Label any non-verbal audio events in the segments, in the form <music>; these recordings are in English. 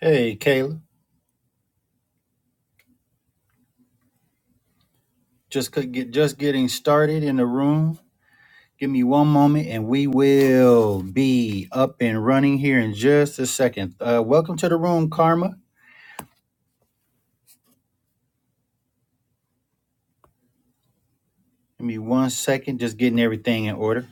Hey, Kayla. Just could get just getting started in the room. Give me one moment, and we will be up and running here in just a second. Uh, welcome to the room, Karma. Give me one second. Just getting everything in order.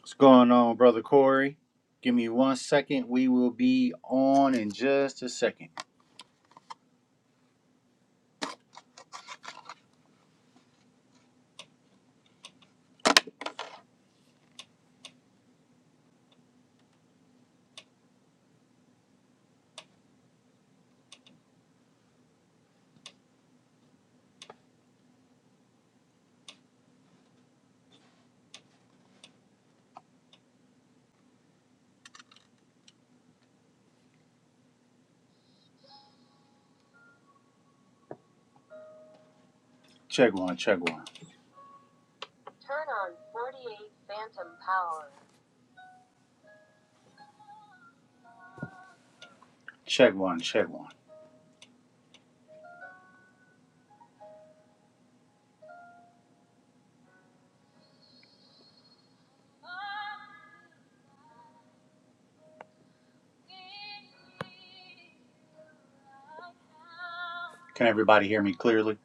What's going on, brother Corey? Give me one second. We will be on in just a second. Check one. Check one. Check one. Check one. Can everybody hear me clearly?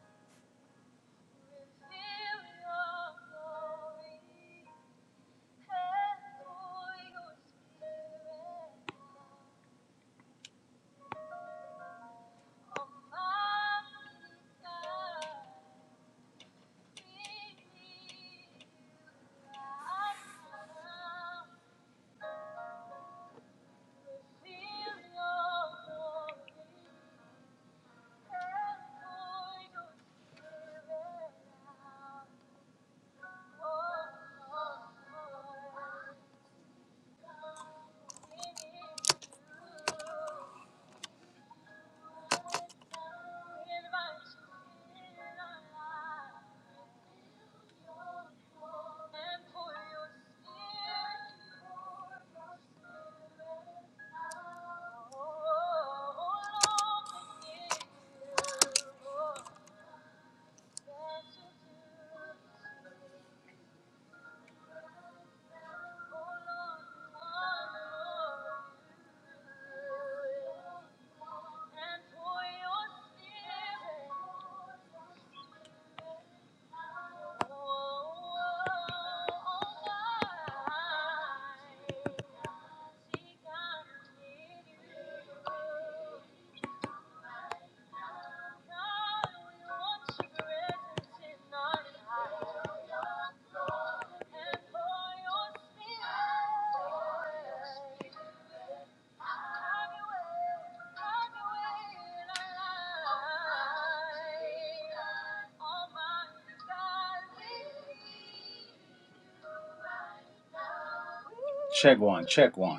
Check one. Check one.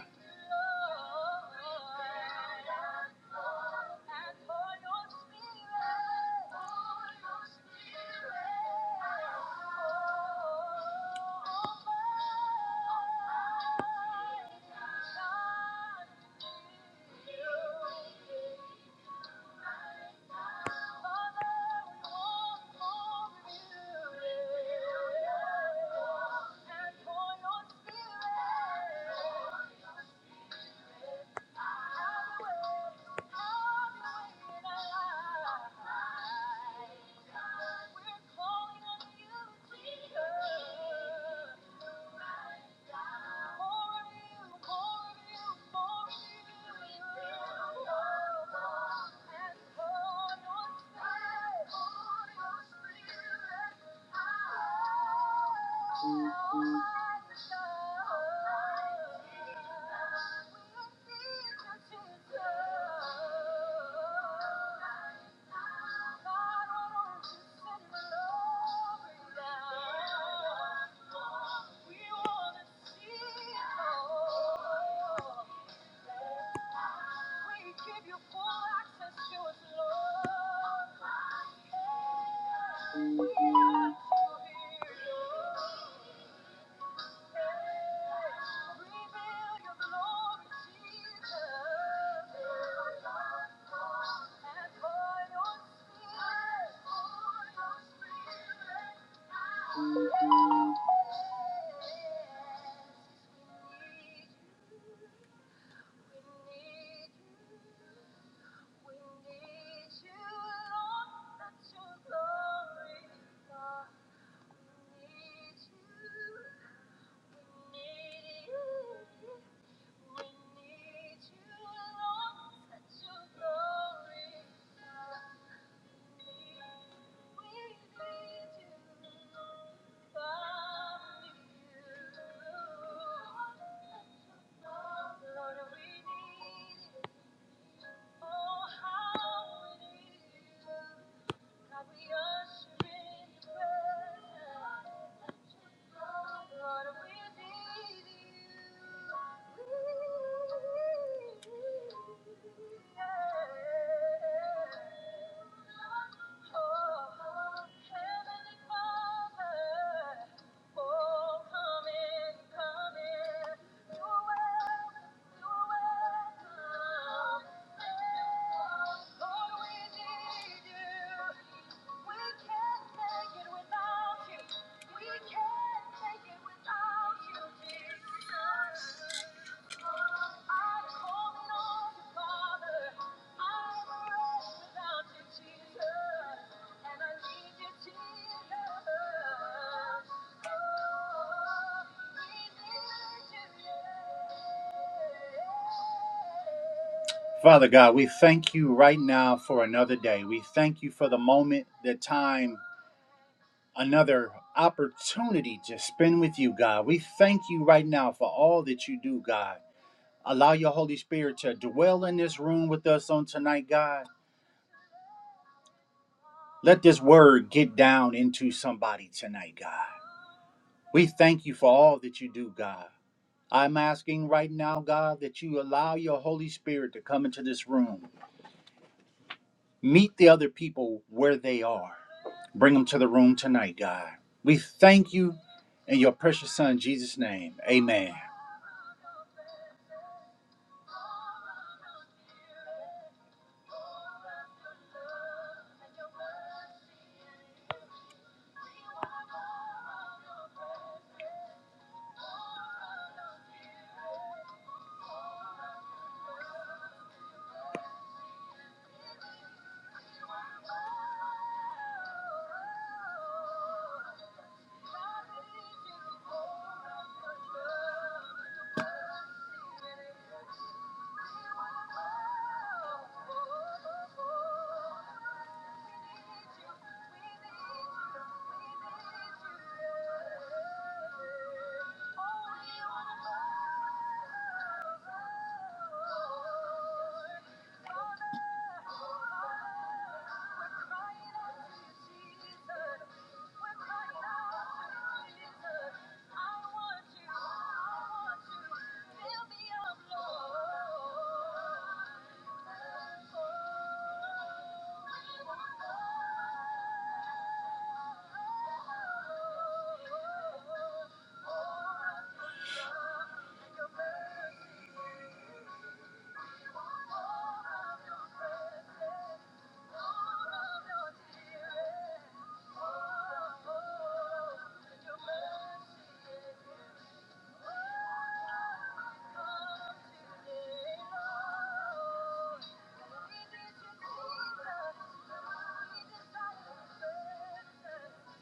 Father God, we thank you right now for another day. We thank you for the moment, the time, another opportunity to spend with you, God. We thank you right now for all that you do, God. Allow your Holy Spirit to dwell in this room with us on tonight, God. Let this word get down into somebody tonight, God. We thank you for all that you do, God. I'm asking right now, God, that you allow your Holy Spirit to come into this room. Meet the other people where they are Bring them to the room tonight, God. We thank you in your precious son, Jesus' name. Amen.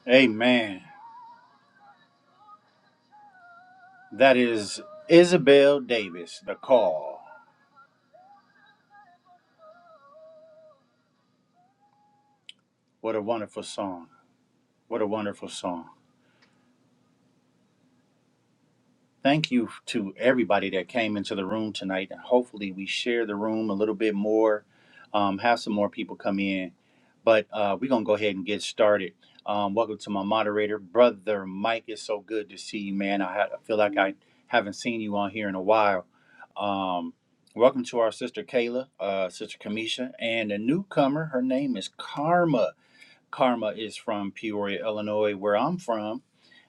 Amen. That is Isabel Davis, The Call. What a wonderful song. What a wonderful song. Thank you to everybody that came into the room tonight. And hopefully, we share the room a little bit more, um, have some more people come in. But uh, we're going to go ahead and get started. Um, welcome to my moderator, Brother Mike. It's so good to see you, man. I, ha- I feel like I haven't seen you on here in a while. Um, welcome to our sister Kayla, uh, sister Kamisha, and a newcomer. Her name is Karma. Karma is from Peoria, Illinois, where I'm from.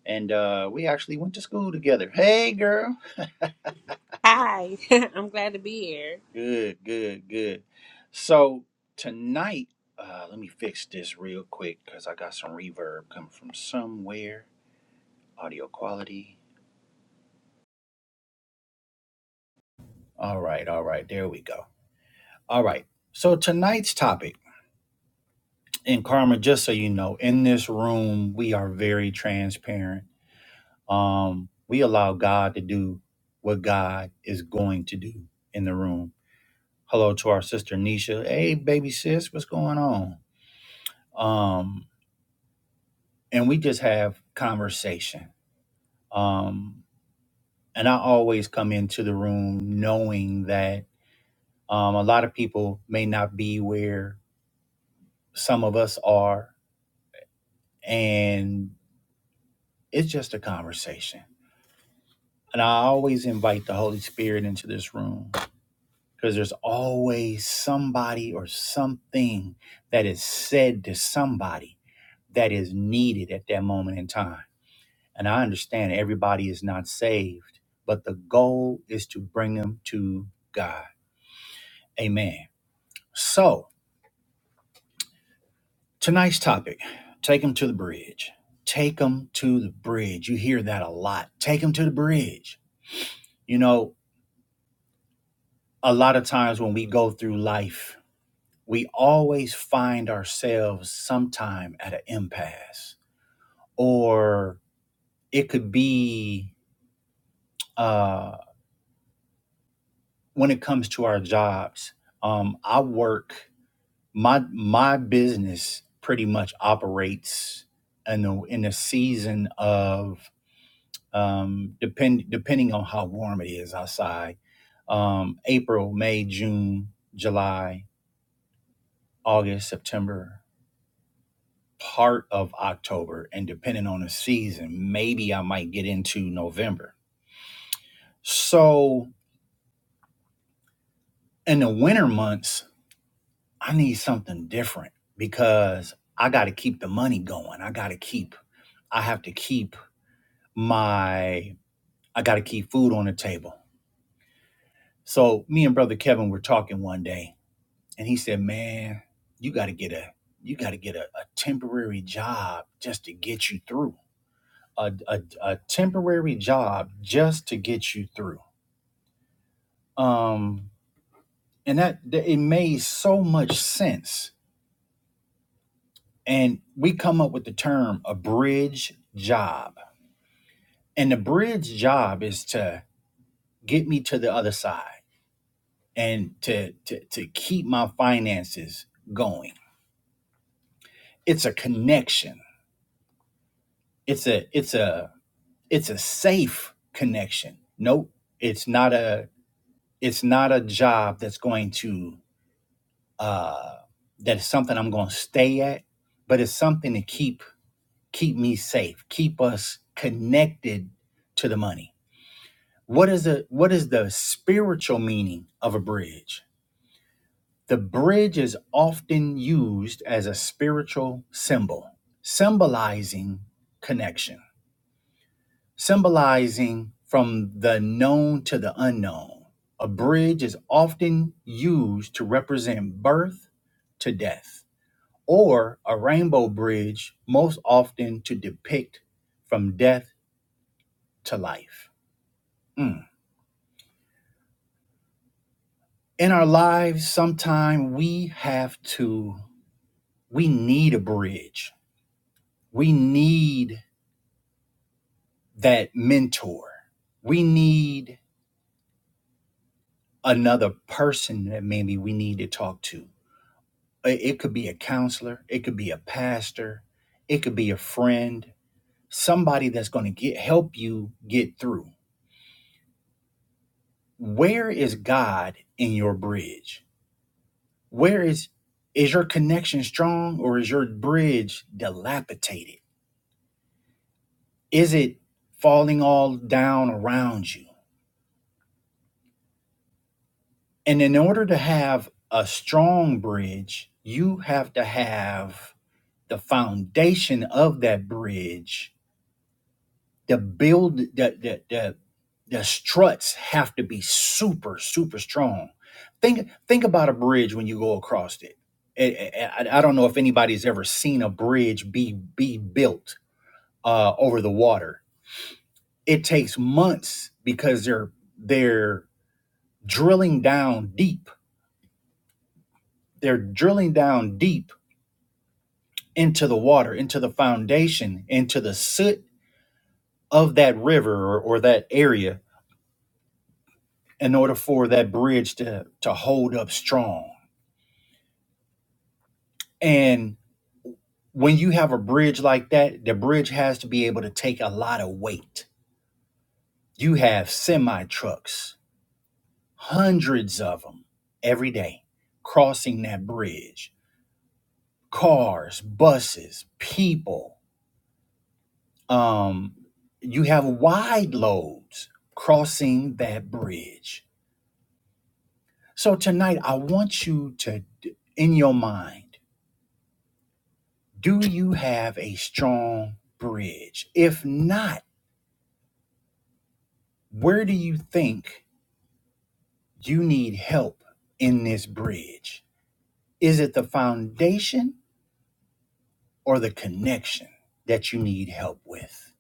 And uh, we actually went to school together. Hey, girl. Hi, <laughs> I'm glad to be here. Good, good, good. So tonight, uh, let me fix this real quick because I got some reverb coming from somewhere. Audio quality. All right, all right. There we go. All right. So tonight's topic, and Karma, just so you know, in this room we are very transparent. Um, we allow God to do what God is going to do in the room. Hello to our sister Nisha. Hey, baby sis, what's going on? Um. and we just have conversation. Um, and I always come into the room knowing that um, a lot of people may not be where some of us are, and it's just a conversation. And I always invite the Holy Spirit into this room because there's always somebody or something that is said to somebody that is needed at that moment in time. And I understand everybody is not saved, but the goal is to bring them to God. Amen. So, tonight's topic take them to the bridge. Take them to the bridge. You hear that a lot. Take them to the bridge. You know, a lot of times when we go through life, we always find ourselves sometime at an impasse, or it could be uh, when it comes to our jobs. Um, I work my my business pretty much operates in the in the season of um, depend depending on how warm it is outside. Um, April, May, June, July, August, September, part of October, and depending on the season, maybe I might get into November. So in the winter months, I need something different because I got to keep the money going. I got to keep. I have to keep my I got to keep food on the table. So me and brother Kevin were talking one day, and he said, "Man, you got to get a you got to get a, a temporary job just to get you through. A, a a temporary job just to get you through." Um, and that, that it made so much sense. And we come up with the term a bridge job, and the bridge job is to get me to the other side and to to to keep my finances going. It's a connection. It's a it's a it's a safe connection. Nope, it's not a it's not a job that's going to uh that is something I'm going to stay at, but it's something to keep keep me safe, keep us connected to the money. What is a what is the spiritual meaning of a bridge? The bridge is often used as a spiritual symbol, symbolizing connection, symbolizing from the known to the unknown. A bridge is often used to represent birth to death, or a rainbow bridge, most often to depict from death to life. Mm. In our lives, sometimes we have to, we need a bridge. We need that mentor. We need another person that maybe we need to talk to. It could be a counselor, it could be a pastor, it could be a friend, somebody that's going to get help you get through. Where is God in your bridge? Where is is your connection strong or is your bridge dilapidated? Is it falling all down around you? And in order to have a strong bridge, you have to have the foundation of that bridge. The build the the the, the struts have to be super super strong. Think think about a bridge when you go across it. I, I I don't know if anybody's ever seen a bridge be be built uh, over the water. It takes months because they're they're drilling down deep. They're drilling down deep into the water, into the foundation, into the soot of that river or, or that area in order for that bridge to, to hold up strong. And when you have a bridge like that, the bridge has to be able to take a lot of weight. You have semi trucks, hundreds of them every day crossing that bridge, cars, buses, people. Um, you have wide loads crossing that bridge So tonight, I want you to, in your mind, do you have a strong bridge? If not, where do you think you need help in this bridge? Is it the foundation or the connection that you need help with?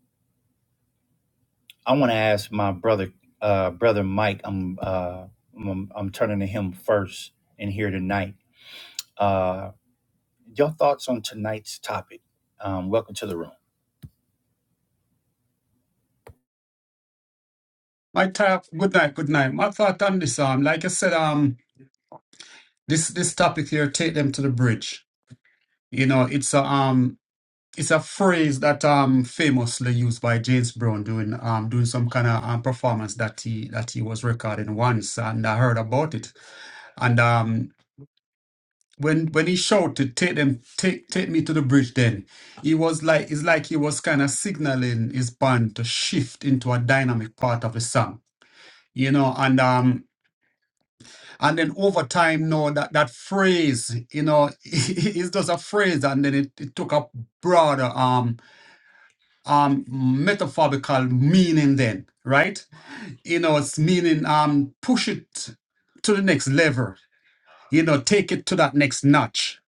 I want to ask my brother, uh, brother Mike. I'm, uh, I'm, I'm turning to him first in here tonight. Uh, your thoughts on tonight's topic? Um, welcome to the room. My top. Good night. Good night. My thought on this. Um, like I said, um, this this topic here, take them to the bridge. You know, it's a um, it's a phrase that um famously used by James Brown doing um doing some kind of um, performance that he that he was recording once, and I heard about it. And um, when when he shouted, take them, take take me to the bridge, then he was like it's like he was kind of signaling his band to shift into a dynamic part of the song. You know, and um. and then over time now that that phrase you know <laughs> is just a phrase and then it, it took a broader um um metaphorical meaning then right you know it's meaning um push it to the next level you know take it to that next notch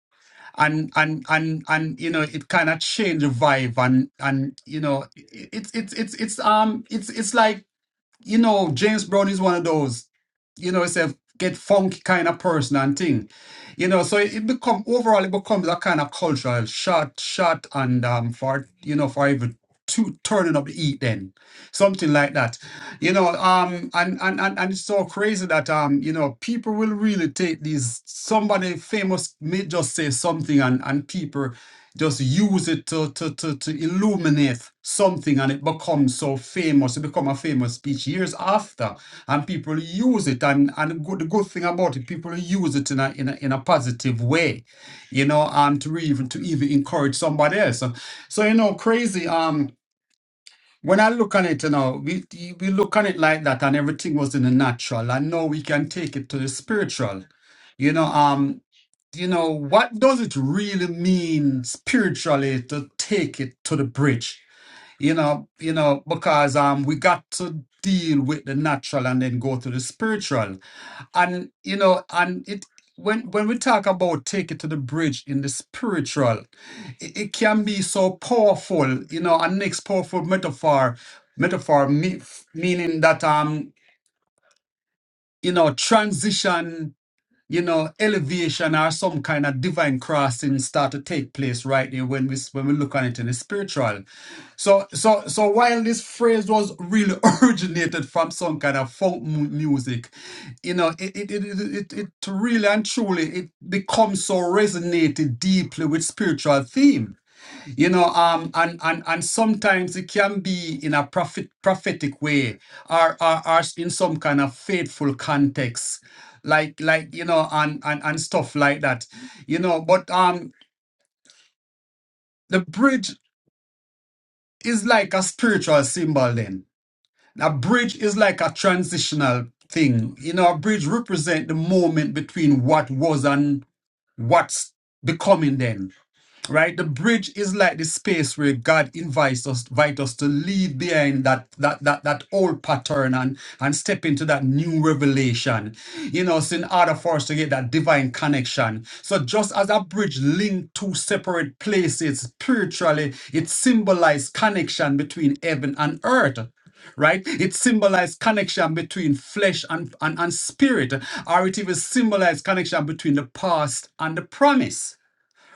and and and and you know it kind of changed the vibe and and you know it- it's it's it's it's um it's it's like you know, James Brown is one of those, you know, it's a get funky kind of person and thing, you know. So it, it become overall, it becomes a kind of cultural shot, shot, and um, for you know, for even two turning up the heat, then something like that, you know. Um, and and and and it's so crazy that um, you know, people will really take these. Somebody famous may just say something, and and people just use it to, to, to, to illuminate something and it becomes so famous. It become a famous speech years after. And people use it. And, and the good, the good thing about it, people use it in a, in a, in a positive way, you know, and to even to even encourage somebody else. So, so, you know, crazy. Um, when I look on it, you know, we, we look on it like that and everything was in the natural. And now we can take it to the spiritual. You know, um, you know, what does it really mean spiritually to take it to the bridge? You know, you know, because um we got to deal with the natural and then go to the spiritual. And you know, and it when when we talk about take it to the bridge in the spiritual, it, it can be so powerful, you know, and next powerful metaphor, metaphor me, meaning that um, you know, transition you know, elevation or some kind of divine crossing start to take place right there when we when we look on it in the spiritual. So so so while this phrase was really <laughs> originated from some kind of folk mu- music, you know, it it, it, it, it it really and truly it becomes so resonated deeply with spiritual themes you know, um, and and and sometimes it can be in a prophet prophetic way, or or, or in some kind of faithful context, like like you know, and and and stuff like that. You know, but um, the bridge is like a spiritual symbol. Then a bridge is like a transitional thing. You know, a bridge represent the moment between what was and what's becoming. Then right the bridge is like the space where god invites us invite us to leave behind that that that that old pattern and and step into that new revelation you know so in order for us to get that divine connection so just as a bridge linked two separate places spiritually it symbolized connection between heaven and earth right? It symbolized connection between flesh and, and, and spirit, or it even symbolized connection between the past and the promise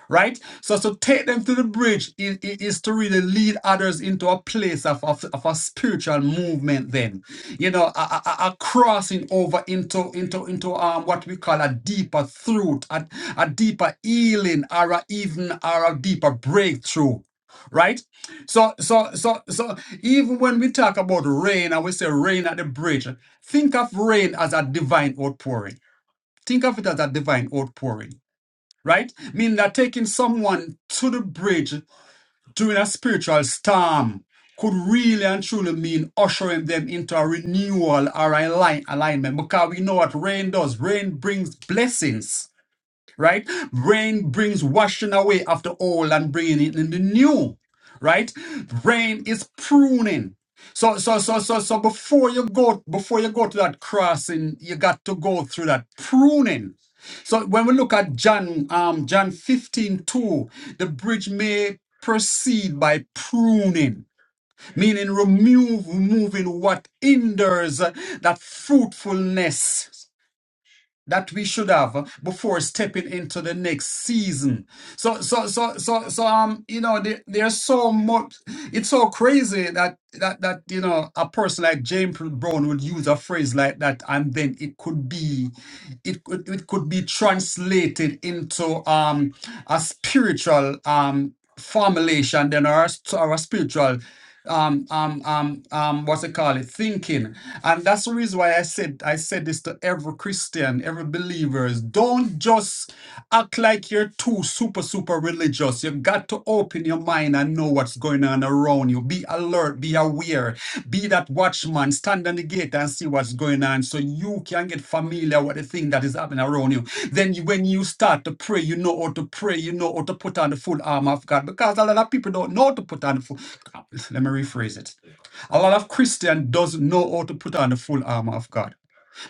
right? So to take them to the bridge is, is to really lead others into a place of, of, of a spiritual movement then, you know, a, a, a crossing over into into into um, what we call a deeper throat, a, a deeper healing or a, even or a deeper breakthrough. Right, so so so so even when we talk about rain and we say rain at the bridge, think of rain as a divine outpouring. Think of it as a divine outpouring right? Meaning that taking someone to the bridge during a spiritual storm could really and truly mean ushering them into a renewal or a align- alignment because we know what rain does. Rain brings blessings right? Rain brings washing away of the old and bringing it in the new, right? Rain is pruning. So, so, so, so, so before you go, before you go to that crossing, you got to go through that pruning. So when we look at John, um, John 15 2, the bridge may proceed by pruning, meaning remove, removing what hinders uh, that fruitfulness that we should have before stepping into the next season. So so so so so um you know there, there's so much it's so crazy that that that you know a person like James Brown would use a phrase like that and then it could be it could it could be translated into um a spiritual um formulation then our a, s- or spiritual um um um um what's it called it thinking and that's the reason why i said i said this to every christian every believers don't just act like you're too super super religious you got to open your mind and know what's going on around you be alert be aware, be that watchman, stand on the gate and see what's going on so you can get familiar with the thing that is happening around you. Then you- when you start to pray, you know how to pray, you know how to put on the full armor of God because a lot of people don't know how to put on the full, <laughs> let me rephrase it. A lot of Christian doesn't know how to put on the full armor of God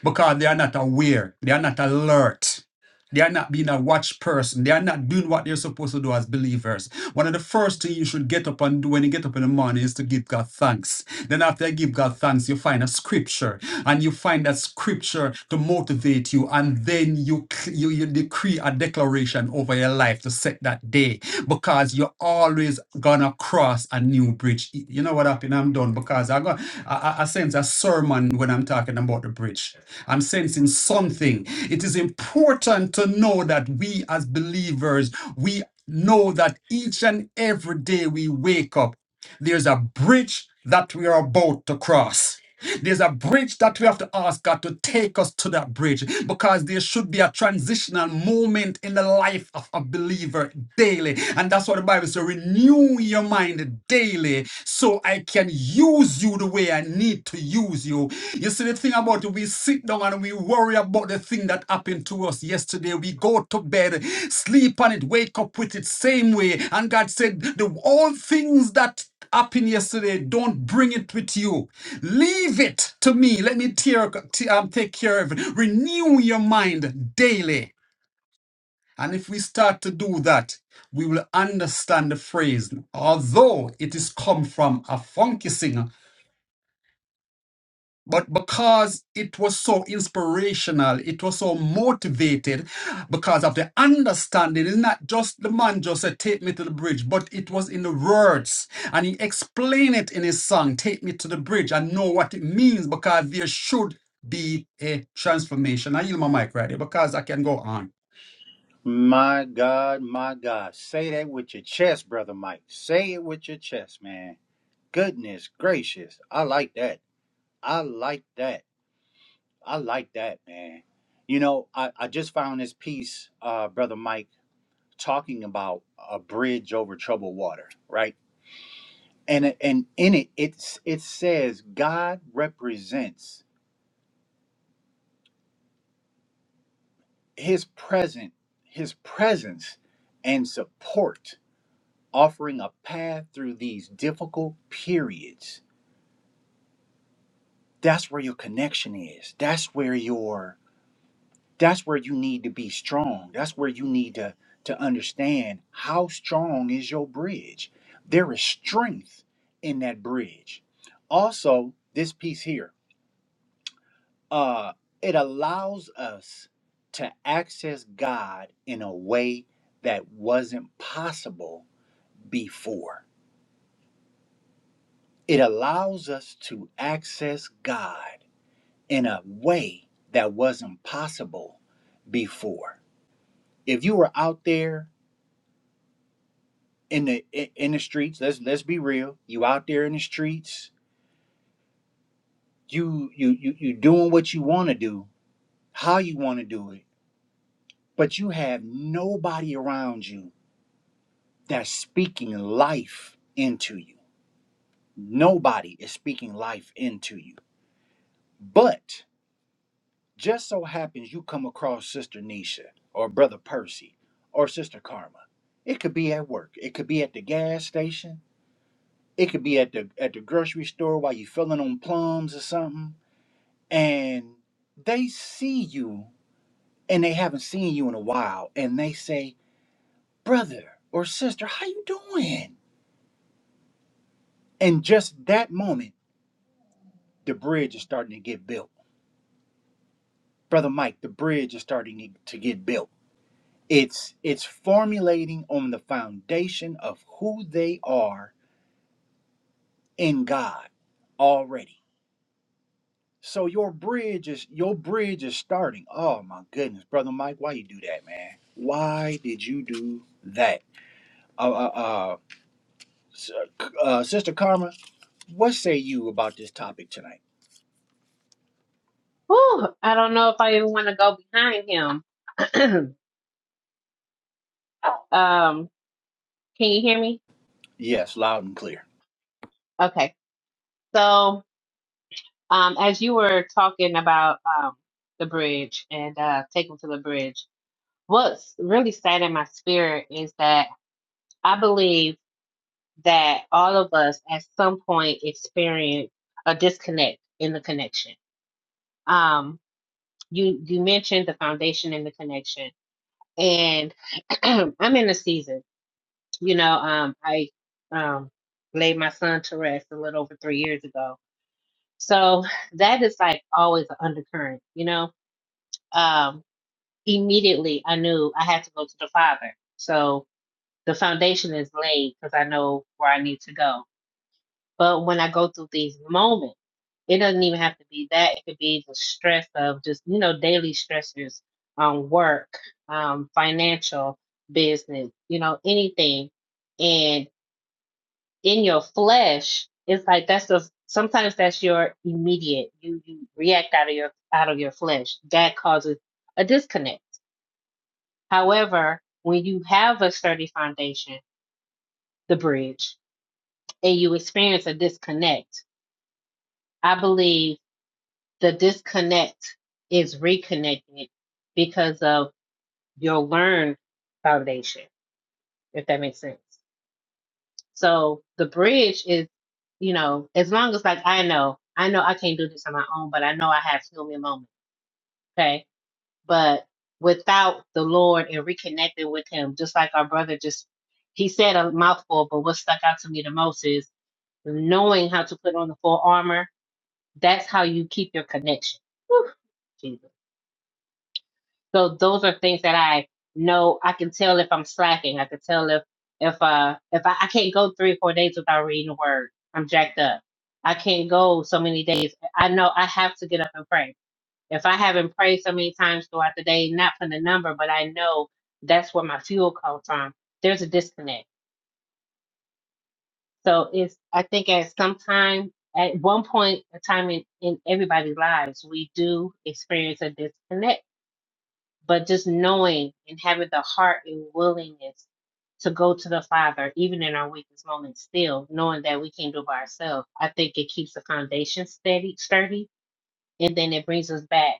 because they are not aware, they are not alert. They are not being a watch person. They are not doing what they're supposed to do as believers. One of the first things you should get up and do when you get up in the morning is to give God thanks. Then after you give God thanks, you find a scripture and you find that scripture to motivate you. And then you, c- you, you decree a declaration over your life to set that day day because you're always gonna cross a new bridge. Y- You know what happened? I'm done because I got I, I I sense a sermon when I'm talking about the bridge. I'm sensing something. It is important to know that we as believers, we know that each and every day we wake up, there's a bridge that we are about to cross. There's a bridge that we have to ask God to take us to that bridge because there should be a transitional moment in the life of a believer daily. And that's what the Bible says renew your mind daily so I can use you the way I need to use you. You see, the thing about it, we sit down and we worry about the thing that happened to us yesterday. We go to bed, sleep on it, wake up with it, same way. And God said, the all things that Happened yesterday. Don't bring it with you. Leave it to me. Let me tear, t- um, take care of it. Renew your mind daily. And if we start to do that, we will understand the phrase. Although it is come from a funky singer, But because it was so inspirational, it was so motivated because of the understanding. It's not just the man just said, Take me to the bridge, but it was in the words. And he explained it in his song, Take Me to the Bridge. I know what it means because there should be a transformation. I yield my mic right here because I can go on. My God, my God. Say that with your chest, brother Mike. Say it with your chest, man. Goodness gracious. I like that. I like that. I like that, man. You know, I, I just found this piece, uh, brother Mike, talking about a bridge over troubled water, right? And and in it, it's it says God represents his present, his presence and support offering a path through these difficult periods that's where your connection is that's where your that's where you need to be strong that's where you need to to understand how strong is your bridge there is strength in that bridge also this piece here uh it allows us to access god in a way that wasn't possible before it allows us to access god in a way that wasn't possible before. If you were out there in the i- in the streets, let's let's be real, you out there in the streets, you you you you doing what you want to do, how you want to do it, but you have nobody around you that's speaking life into you. Nobody is speaking life into you. But Just so happens you come across Sister Nisha or Brother Percy or Sister Karma. It could be at work. It could be at the gas station. It could be at the at the grocery store while you are filling on plums or something. And they see you and they haven't seen you in a while and they say, Brother or sister, how you doing? And just that moment, the bridge is starting to get built. Brother Mike, the bridge is starting to get built It's it's formulating on the foundation of who they are in God already. So your bridge is your bridge is starting. Oh my goodness, brother Mike, why you do that, man? Why did you do that? Uh, uh, uh, s- uh sister Karma, what say you about this topic tonight? Whew, I don't know if I even want to go behind him. <clears throat> um, can you hear me? Yes, loud and clear. Okay. So, um, as you were talking about um, the bridge and uh, taking to the bridge, what's really sad in my spirit is that I believe that all of us at some point experience a disconnect in the connection. Um, you you mentioned the foundation in the connection. and <clears throat> I'm in a season. You know, um, I um, laid my son to rest a little over three years ago, so that is like always an undercurrent. You know, um, immediately I knew I had to go to the Father, so the foundation is laid because I know where I need to go But when I go through these moments, it doesn't even have to be that. It could be the stress of just, you know, daily stressors um, work, um, financial, business, you know, anything. And in your flesh, it's like that's the sometimes that's your immediate. You you react out of your out of your flesh. That causes a disconnect. However, when you have a sturdy foundation, the bridge, and you experience a disconnect, I believe the disconnect is reconnected because of your learned foundation, if that makes sense. So the bridge is, you know, as long as like I know, I know I can't do this on my own, but I know I have human moments. Okay. But without the Lord and reconnecting with him, just like our brother just he said a mouthful, but what stuck out to me the most is knowing how to put on the full armor, that's how you keep your connection. Whew. Jesus. So those are things that I know I can tell if I'm slacking. I can tell if if uh if I, I can't go three or four days without reading the word. I'm jacked up. I can't go so many days. I know I have to get up and pray. If I haven't prayed so many times throughout the day, not from the number, but I know that's where my fuel comes from. There's a disconnect. So it's I think at some time at one point a time in, in everybody's lives, we do experience a disconnect but just knowing and having the heart and willingness to go to the Father, even in our weakest moments, still knowing that we can't do it by ourselves, I think it keeps the foundation steady, sturdy, and then it brings us back.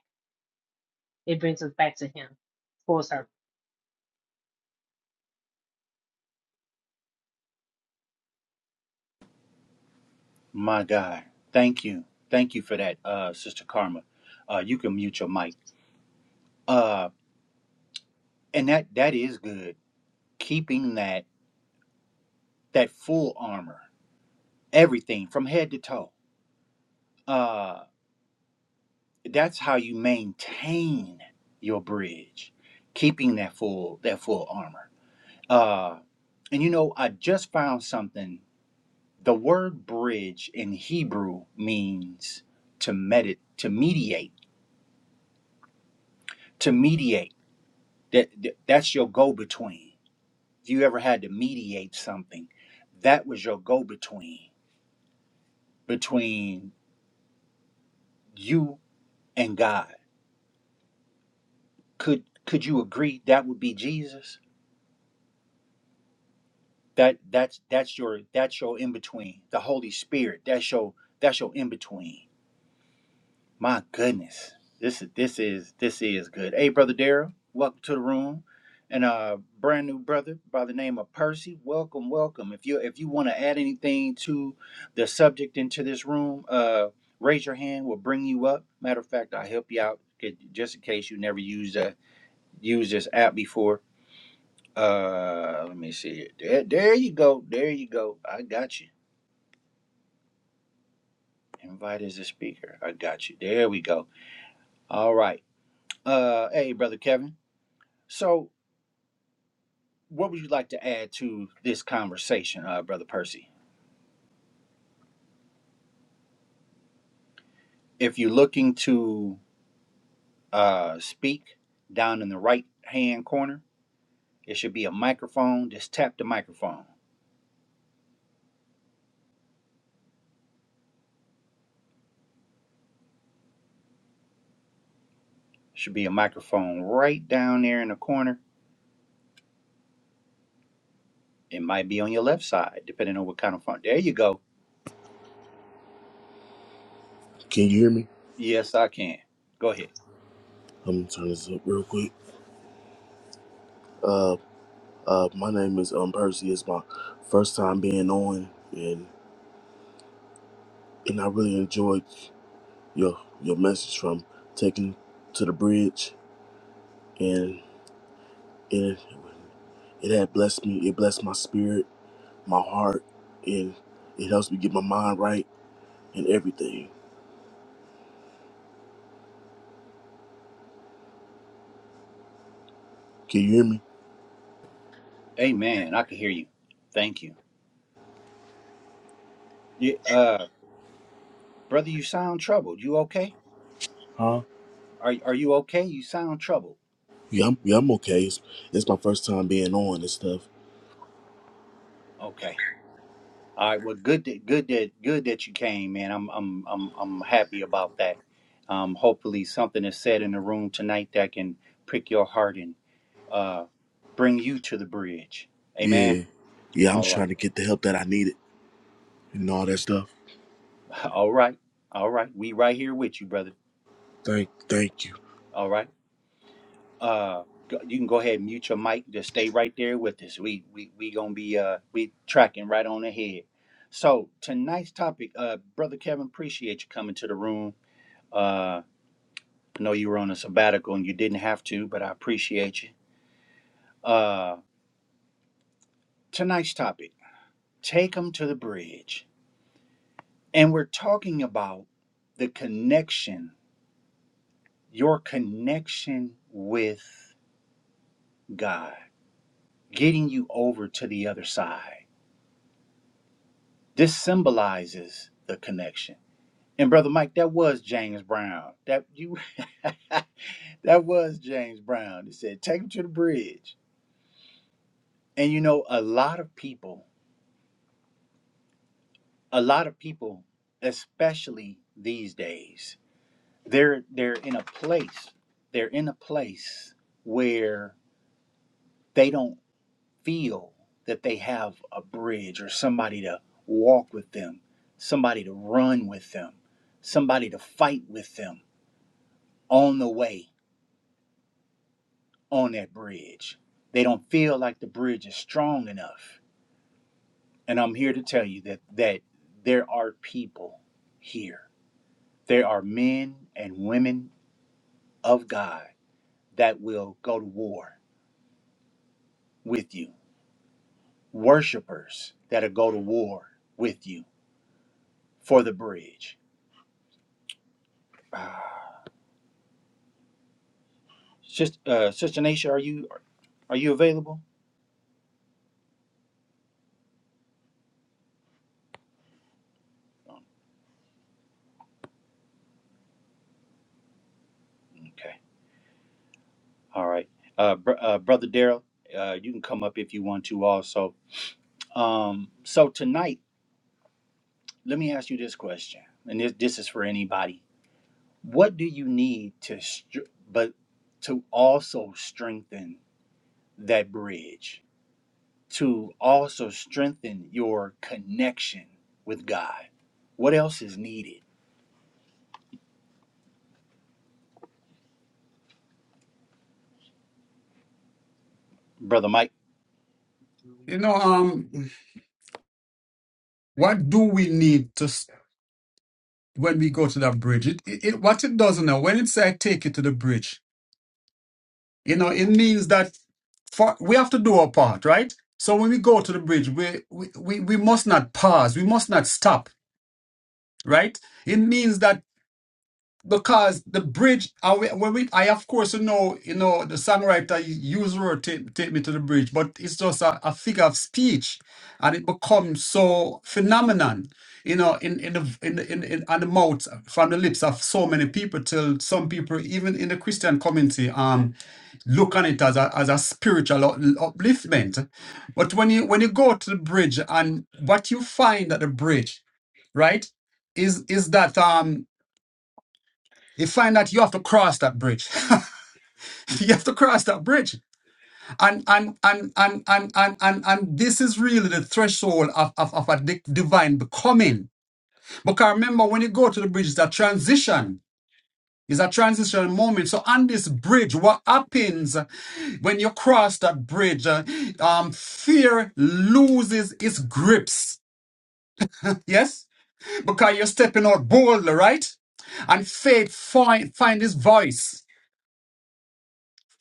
It brings us back to Him, full circle. My God, thank you, thank you for that, uh, sister Karma. Uh, you can mute your mic. Uh, and that that is good. Keeping that. that full armor, everything from head to toe. Uh, that's how you maintain your bridge, keeping that full that full armor. Uh, and you know, I just found something. The word bridge in Hebrew means to medit, to mediate, to mediate. That that- that's your go-between. If you ever had to mediate something, that was your go-between between you and God could could you agree that would be Jesus? That that's that's your that's your in between. The Holy Spirit. That's your that's your in between. My goodness, this is this is this is good. Hey, brother Daryl, welcome to the room, and a brand new brother by the name of Percy. Welcome, welcome. If you if you want to add anything to the subject into this room, uh, raise your hand. We'll bring you up. Matter of fact, I'll help you out. 'cause- Just in case you never used uh, used this app before Uh, let me see. There, there you go. There you go. I got you. Invite as a speaker. I got you. There we go. All right. Uh, hey, brother Kevin. So, what would you like to add to this conversation, uh, brother Percy? If you're looking to uh speak, down in the right hand corner, it should be a microphone. Just tap the microphone. Should be a microphone right down there in the corner. It might be on your left side, depending on what kind of phone. There you go. Can you hear me? Yes, I can. Go ahead. I'm gonna turn this up real quick. Uh, my name is um Percy. It's my first time being on, and and I really enjoyed your your message from taking to the bridge, and it it had blessed me. It blessed my spirit, my heart, and it helps me get my mind right and everything. Can you hear me? Amen. I can hear you. Thank you. you uh, brother, you sound troubled. You okay? Huh? Are are you okay? You sound troubled. Yeah, I'm, yeah, I'm okay. It's, it's my first time being on and stuff. Okay. All right. Well, good. That, good that good that you came, man. I'm I'm I'm I'm happy about that. Um, hopefully something is said in the room tonight that can prick your heart and uh, bring you to the bridge. Amen. Yeah, yeah, I'm All right. trying to get the help that I needed and all that stuff. <laughs> All right. All right. We right here with you, brother. Thank, thank you. All right. uh go- you can go ahead and mute your mic just stay right there with us we we we gonna be uh we tracking right on ahead so tonight's topic uh brother kevin appreciate you coming to the room uh i know you were on a sabbatical and you didn't have to but i appreciate you uh tonight's topic take them to the bridge and we're talking about the connection your connection with god getting you over to the other side This symbolizes the connection. And brother Mike, that was James Brown. That you <laughs> that was James Brown. He said, "Take him to the bridge." And you know, a lot of people, a lot of people, especially these days, they're they're in a place, they're in a place where they don't feel that they have a bridge or somebody to walk with them, somebody to run with them, somebody to fight with them on the way on that bridge. They don't feel like the bridge is strong enough. And I'm here to tell you that that there are people here. There are men and women of God that will go to war with you. Worshipers that'll go to war with you for the bridge. <sighs> Ah, Sis- uh, Sister Naisha, are you are you available? Oh, Okay. All right. Uh, br- uh, Brother Daryl, uh, you can come up if you want to also. Um, so tonight, let me ask you this question, and this this is for anybody. What do you need to, str- but to also strengthen that bridge, to also strengthen your connection with God? What else is needed, brother Mike? You know, um, what do we need to s- when we go to that bridge? It, it, it what it does now when it say take you to the bridge, you know, it means that for, we have to do our part, right? So when we go to the bridge, we, we we we must not pause. We must not stop. right? It means that because the bridge I, we- when we I of course know you know the songwriter used word take, take me to the bridge but it's just a, a figure of speech and it becomes so phenomenon you know in in the in, the- in, in on the mouth from the lips of so many people till some people even in the Christian community um look on it as a as a spiritual up- upliftment but when you when you go to the bridge and what you find at the bridge right is is that um you find that you have to cross that bridge. <laughs> you have to cross that bridge. And and and and and and and, and this is really the threshold of, of, of a di- divine becoming. Because remember, when you go to the bridge, it's a transition. It's a transitional moment. So on this bridge, what happens when you cross that bridge? uh, Um, fear loses its grips. Yes? Because you're stepping out boldly, right? And faith find find its voice.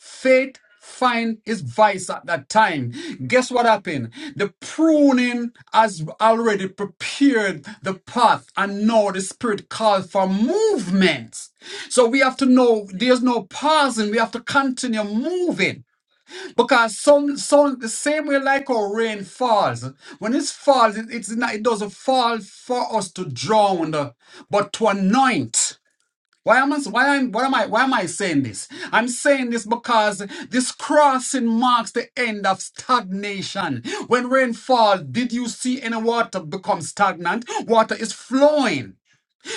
Faith find his vice at that time. Guess what happened? The pruning has already prepared the path, and now the Spirit calls for movement. So we have to know there's no pausing. We have to continue moving because some, some the same way like our rain falls. When it falls, it, it's not, it doesn't fall for us to drown, but to anoint. Why am I why am what am I why am I saying this? I'm saying this because this crossing marks the end of stagnation. When rainfall, did you see any water become stagnant? Water is flowing.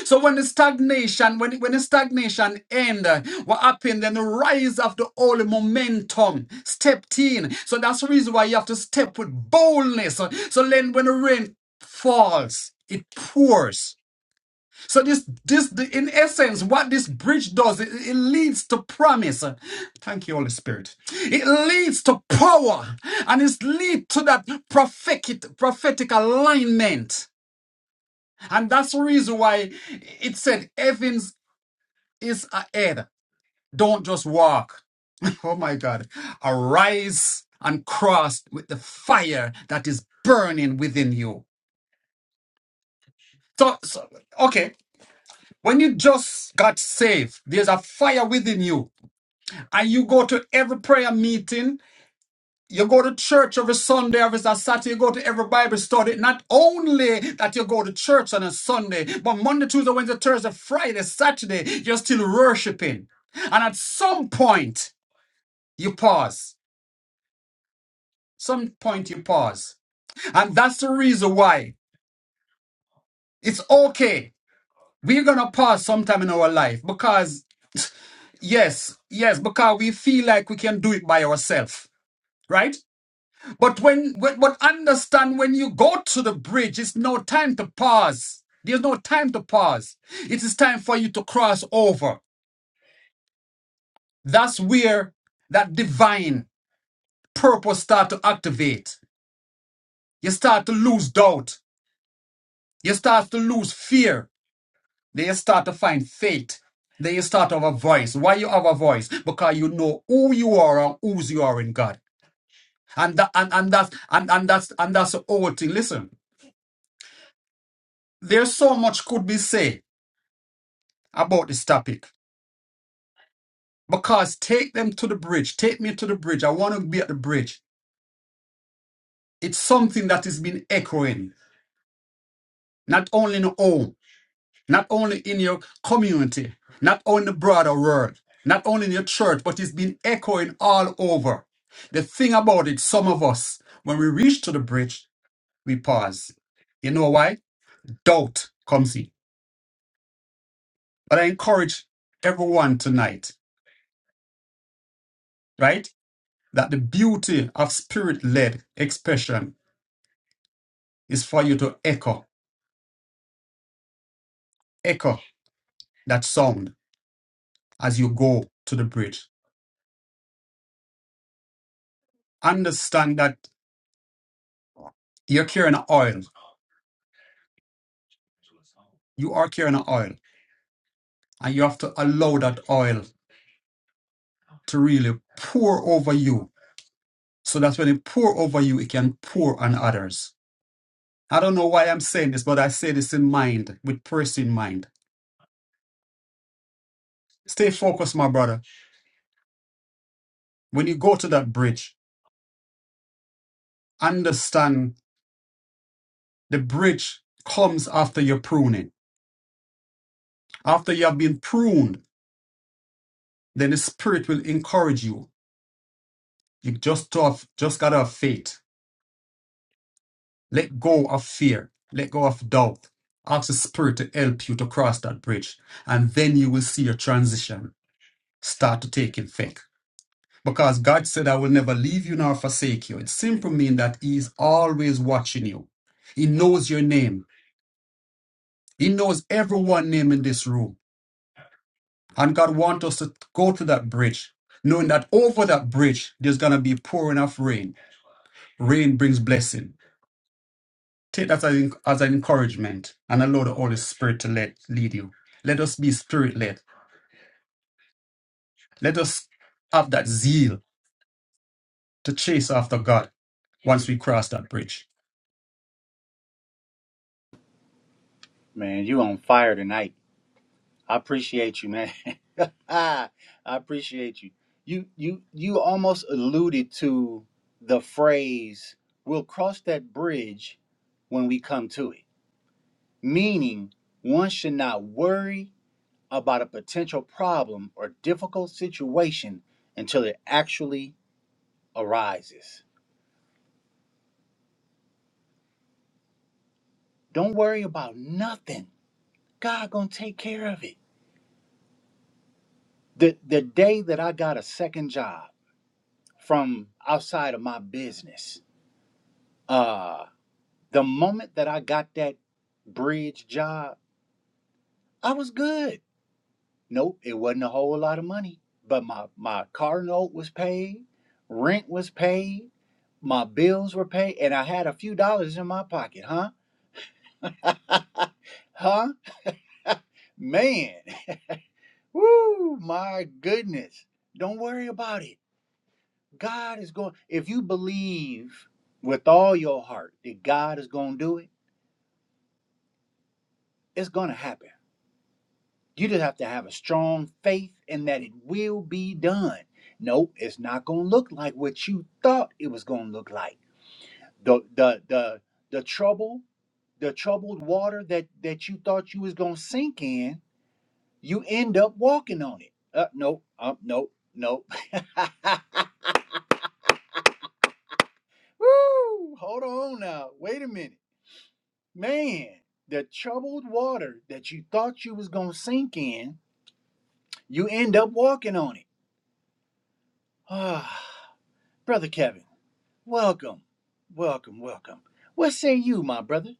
So when the stagnation, when, when the stagnation end, uh, what happened? Then the rise of the holy momentum stepped in. So that's the reason why you have to step with boldness. So then when the rain falls, it pours. So this, this, the, in essence, what this bridge does, it, it leads to promise. Thank you, Holy Spirit. It leads to power, and it leads to that prophetic, prophetic alignment, and that's the reason why it said, "Heavens is ahead. Don't just walk." <laughs> Oh my God! Arise and cross with the fire that is burning within you. So, so okay, when you just got saved, there's a fire within you and you go to every prayer meeting, you go to church every Sunday, every Saturday, you go to every Bible study. Not only that you go to church on a Sunday, but Monday, Tuesday, Wednesday, Thursday, Friday, Saturday, you're still worshiping. And at some point, you pause. Some point, you pause. And that's the reason why it's okay. We're going to pause sometime in our life because, yes, yes, because we feel like we can do it by ourselves, right? But when, when but understand when you go to the bridge, it's no time to pause. There's no time to pause. It is time for you to cross over. That's where that divine purpose start to activate. You start to lose doubt. You start to lose fear. Then you start to find faith. Then you start to have a voice. Why you have a voice? Because you know who you are and whose you are in God. And that and, and that's and, and that's and that's the whole thing. Listen, there's so much could be said about this topic because take them to the bridge. Take me to the bridge. I want to be at the bridge. It's something that has been echoing, not only in your home, not only in your community, not only in the broader world, not only in your church, but it's been echoing all over. The thing about it, some of us, when we reach to the bridge, we pause. You know why? Doubt comes in. But I encourage everyone tonight, right? That the beauty of spirit led expression is for you to echo, echo that sound as you go to the bridge. Understand that you're carrying a oil. You are carrying a oil, and you have to allow that oil to really pour over you, so that when it pour over you, it can pour on others. I don't know why I'm saying this, but I say this in mind, with person in mind. Stay focused, my brother. When you go to that bridge, understand the bridge comes after your pruning, after you have been pruned then the spirit will encourage you. You just to have, just gotta have faith. Let go of fear. Let go of doubt. Ask the spirit to help you to cross that bridge, and then you will see your transition start to take effect. Because God said, "I will never leave you nor forsake you." It simply means that He is always watching you. He knows your name. He knows everyone name in this room, and God wants us to go to that bridge, knowing that over that bridge there's gonna be pouring of rain. Rain brings blessing Take that as, an- as an encouragement and allow the Holy Spirit to let lead you. Let us be spirit led. Let us have that zeal to chase after God once we cross that bridge. Man, you on fire tonight. I appreciate you, man. <laughs> I appreciate you. You you you almost alluded to the phrase we'll cross that bridge when we come to it. Meaning one should not worry about a potential problem or difficult situation until it actually arises. Don't worry about nothing. God gonna take care of it. The the day that I got a second job from outside of my business, uh The moment that I got that bridge job, I was good. Nope, it wasn't a whole lot of money, but my my car note was paid, rent was paid, my bills were paid, and I had a few dollars in my pocket, huh? <laughs> huh? Man, woo, my goodness. Don't worry about it. God is going, if you believe with all your heart that God is going to do it, it's going to happen. You just have to have a strong faith in that it will be done. Nope, it's not gonna look like what you thought it was gonna look like. The the the the trouble, the troubled water that that you thought you was gonna sink in, you end up walking on it. Uh nope, um, nope, nope. <laughs> Woo! Hold on now. Wait a minute. Man, the troubled water that you thought you was gonna sink in, you end up walking on it. Ah, <sighs> brother Kevin. Welcome, welcome, welcome. What say you, my brother?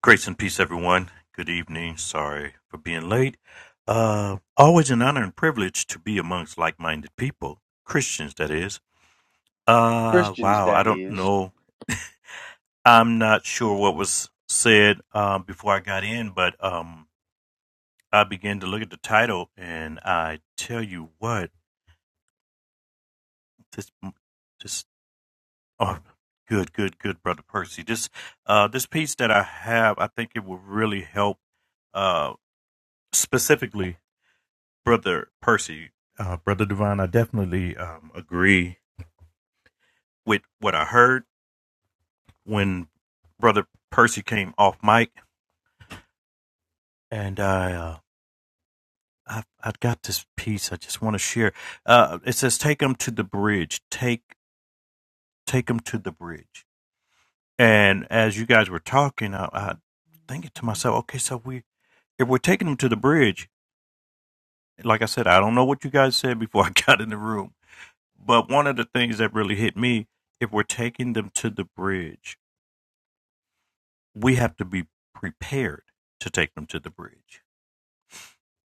Grace and peace, everyone. Good evening. Sorry for being late. Uh, always an honor and privilege to be amongst like minded people, Christians, that is. Uh, Christians, wow, I that don't is. know. I'm not sure what was said uh, before I got in, but um, I began to look at the title, and I tell you what, this, this, oh, good, good, good, brother Percy. This, uh, this piece that I have, I think it will really help, uh, specifically brother Percy, uh, brother Divine, I definitely um, agree with what I heard when brother Percy came off mic, and I, uh, I I've got this piece I just want to share. Uh, it says, "Take them to the bridge. Take take them to the bridge." And as you guys were talking, I, I thinking to myself, okay, so we if we're taking them to the bridge, like I said, I don't know what you guys said before <laughs> I got in the room, but one of the things that really hit me, if we're taking them to the bridge we have to be prepared to take them to the bridge.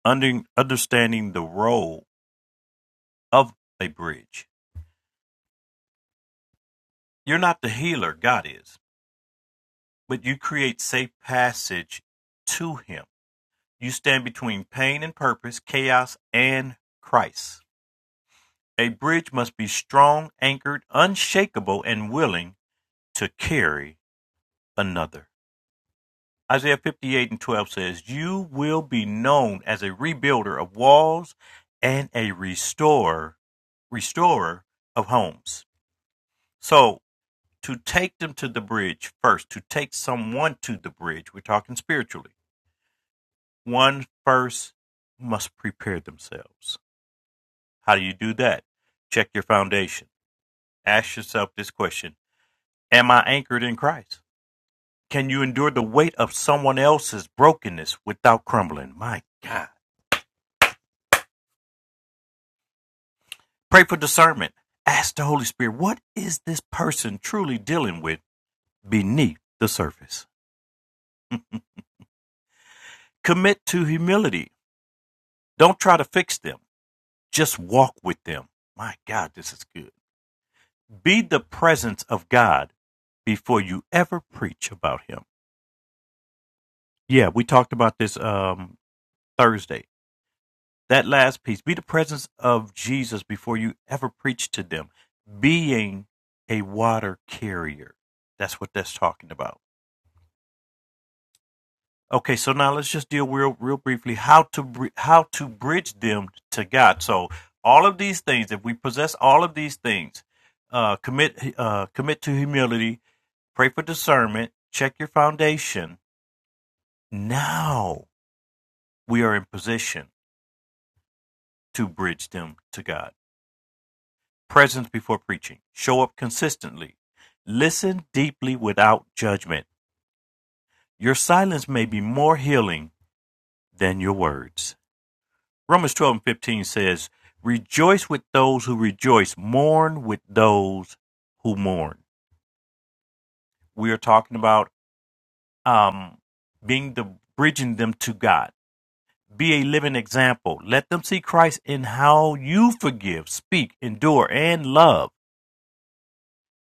Under, understanding the role of a bridge. You're not the healer, God is, but you create safe passage to Him. You stand between pain and purpose, chaos and Christ. A bridge must be strong, anchored, unshakable, and willing to carry another. Isaiah 58 and 12 says, You will be known as a rebuilder of walls and a restorer, restorer of homes. So, to take them to the bridge first, to take someone to the bridge, we're talking spiritually, one first must prepare themselves. How do you do that? Check your foundation. Ask yourself this question Am I anchored in Christ? Can you endure the weight of someone else's brokenness without crumbling? My God. Pray for discernment. Ask the Holy Spirit, what is this person truly dealing with beneath the surface? Commit to humility. Don't try to fix them, just walk with them. My God, this is good. Be the presence of God before you ever preach about Him. Yeah, we talked about this um, Thursday. That last piece be the presence of Jesus before you ever preach to them, being a water carrier. That's what that's talking about Okay, so now let's just deal real, real briefly how to br- how to bridge them to God. So all of these things, if we possess all of these things, uh, commit uh, commit to humility, pray for discernment, check your foundation. Now we are in position to bridge them to God. Presence before preaching. Show up consistently. Listen deeply without judgment. Your silence may be more healing than your words. Romans 12 and 15 says, Rejoice with those who rejoice, mourn with those who mourn. We are talking about um, being the bridging them to God. Be a living example. Let them see Christ in how you forgive, speak, endure, and love.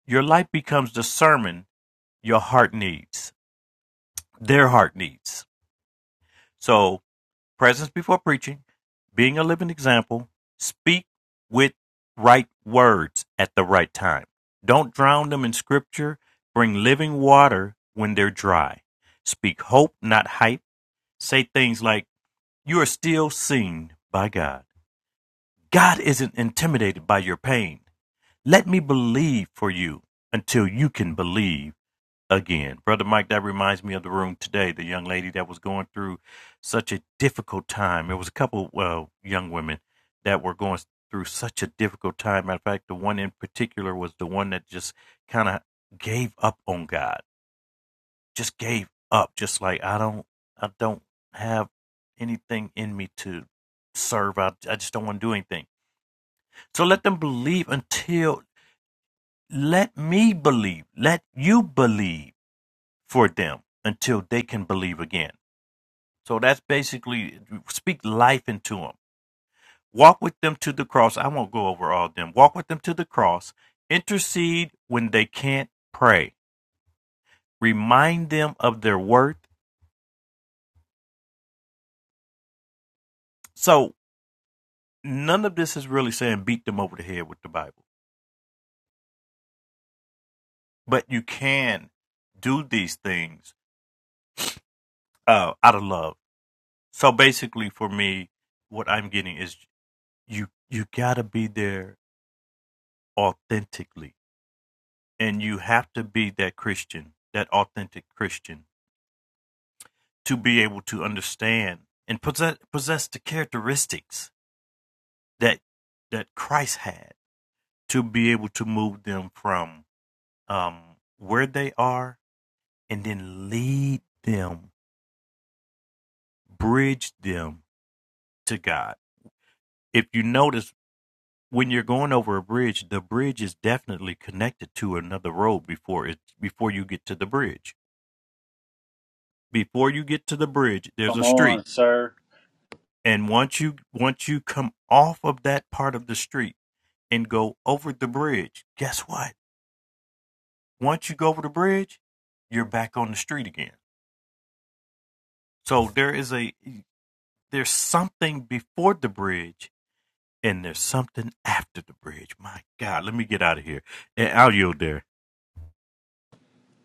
Your life becomes the sermon your heart needs, their heart needs. So presence before preaching, being a living example, speak with right words at the right time. Don't drown them in scripture. Bring living water when they're dry. Speak hope, not hype. Say things like, You are still seen by God. God isn't intimidated by your pain. Let me believe for you until you can believe again. Brother Mike, that reminds me of the room today, the young lady that was going through such a difficult time. It was a couple uh, young women that were going through such a difficult time. Matter of fact, the one in particular was the one that just kind of gave up on God, just gave up, just like, I don't, I don't have anything in me to serve. I, I just don't want to do anything. So let them believe until, let me believe, let you believe for them until they can believe again. So that's basically speak life into them. Walk with them to the cross. I won't go over all of them. Walk with them to the cross. Intercede when they can't pray. Remind them of their worth. So none of this is really saying beat them over the head with the Bible, but you can do these things uh, out of love. So basically, for me, what I'm getting is you you gotta be there authentically And you have to be that Christian, that authentic Christian, to be able to understand and possess, possess the characteristics that that Christ had to be able to move them from um, where they are and then lead them, bridge them to God. If you notice, when you're going over a bridge, the bridge is definitely connected to another road before it before you get to the bridge. Before you get to the bridge, there's Come a street on, sir. And once you once you come off of that part of the street and go over the bridge, guess what? Once you go over the bridge, you're back on the street again. So there is a there's something before the bridge and there's something after the bridge. My God, let me get out of here. And I'll yield there.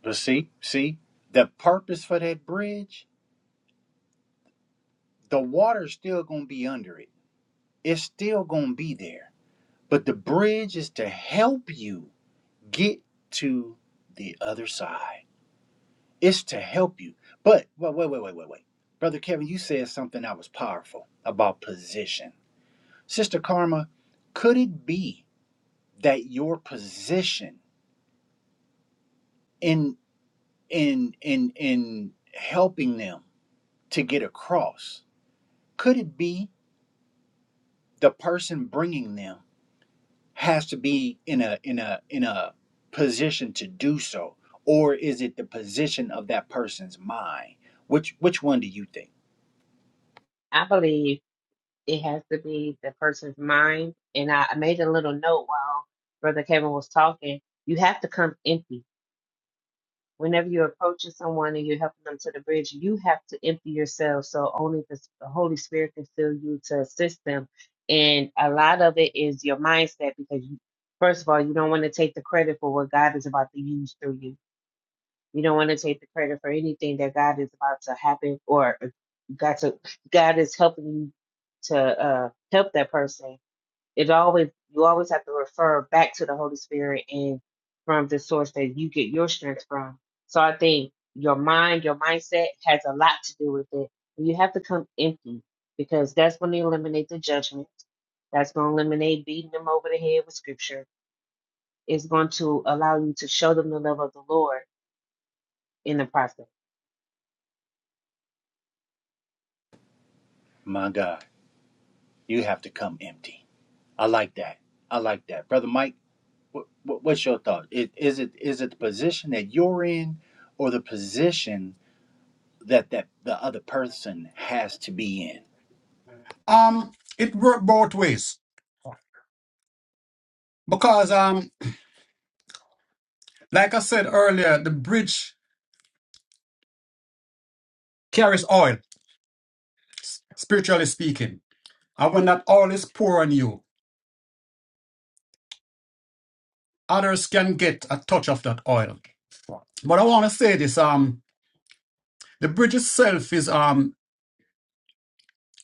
But see, see, the purpose for that bridge, the water's still going to be under it. It's still going to be there. But the bridge is to help you get to the other side. It's to help you. But wait, wait, wait, wait, wait, wait. Brother Kevin, you said something that was powerful about position. Sister Karma, could it be that your position? in in in in helping them to get across could it be the person bringing them has to be in a in a in a position to do so or is it the position of that person's mind which which one do you think I believe it has to be the person's mind, and I I made a little note while Brother Kevin was talking. You have to come empty whenever you're approaching someone and you're helping them to the bridge, you have to empty yourself so only the, the Holy Spirit can fill you to assist them. And a lot of it is your mindset because, you, first of all, you don't want to take the credit for what God is about to use through you. You don't want to take the credit for anything that God is about to happen or got to God is helping you to uh, help that person it always you always have to refer back to the Holy Spirit and from the source that you get your strength from. So I think your mind, your mindset has a lot to do with it. You have to come empty because that's going to eliminate the judgment. That's going to eliminate beating them over the head with scripture. It's going to allow you to show them the love of the Lord in the process. my god you have to come empty i like that i like that brother mike what, what's your thought it, is it is it the position that you're in or the position that that the other person has to be in Um, it worked both ways because, um, like I said earlier, the bridge carries oil. Spiritually speaking, and when that oil is poured on you, others can get a touch of that oil. But I want to say this: um, the bridge itself is um,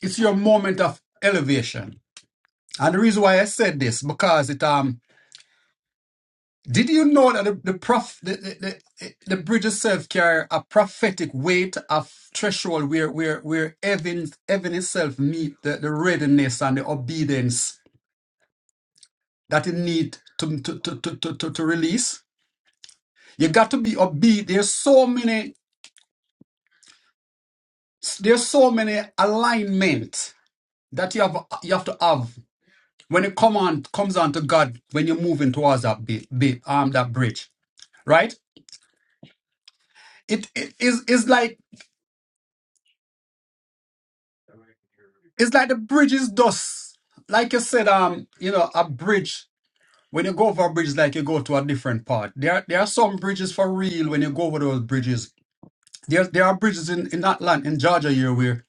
it's your moment of elevation. And the reason why I said this because it um, did you know that the the, prof, the, the, the, the bridge itself carry a prophetic weight of threshold where where where heaven heaven itself meet the, the readiness and the obedience that it need to to to to to, to to release. You got to be upbeat. There's so many, there's so many alignment that you have you have to have when it come on comes on to God when you're moving towards that be, be, um that bridge, right? It it is is like it's like the bridge is dust. Like you said, um, you know, a bridge. When you go over a bridge, it's like you go to a different part. There are, there are some bridges for real when you go over those bridges. There, there are bridges in, in that land, in Georgia here, where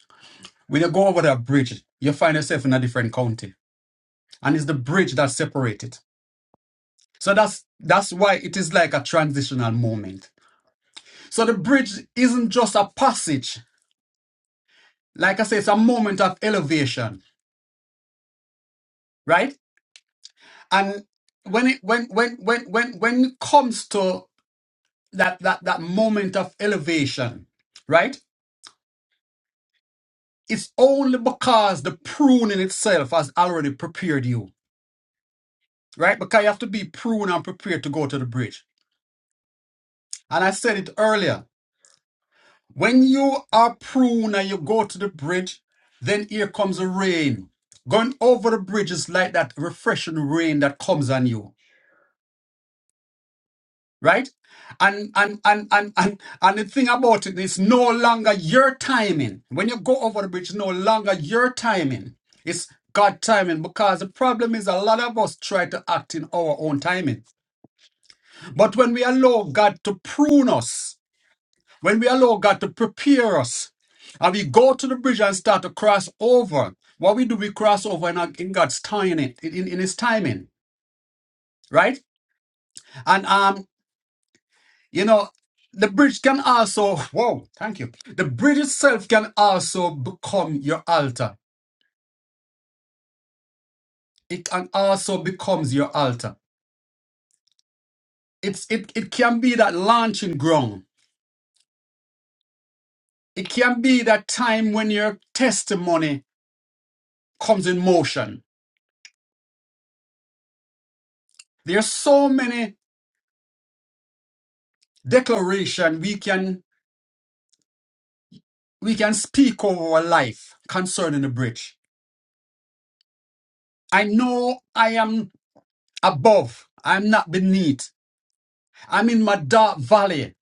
when you go over that bridge, you find yourself in a different county and it's the bridge that separates it. So that's that's why it is like a transitional moment. So the bridge isn't just a passage. Like I say, it's a moment of elevation, right? And when it when when when when when it comes to that that that moment of elevation, right? It's only because the pruning itself has already prepared you, right? Because you have to be pruned and prepared to go to the bridge. And I said it earlier When you are pruned and you go to the bridge, then here comes the rain. Going over the bridge is like that refreshing rain that comes on you, right? And and and and and and the thing about it is no longer your timing. When you go over the bridge, no longer your timing. It's God timing because the problem is a lot of us try to act in our own timing. But when we allow God to prune us, When we allow God to prepare us and we go to the bridge and start to cross over, what we do, we cross over in, our- in God's timing, in, in in His timing, right? And, um, you know, the bridge can also, whoa, thank you. The bridge itself can also become your altar. It can also becomes your altar. It's, it, it can be that launching ground. It can be that time when your testimony comes in motion. There are so many declaration we can we can speak over our life concerning the bridge. I know I am above, I'm not beneath, I'm in my dark valley.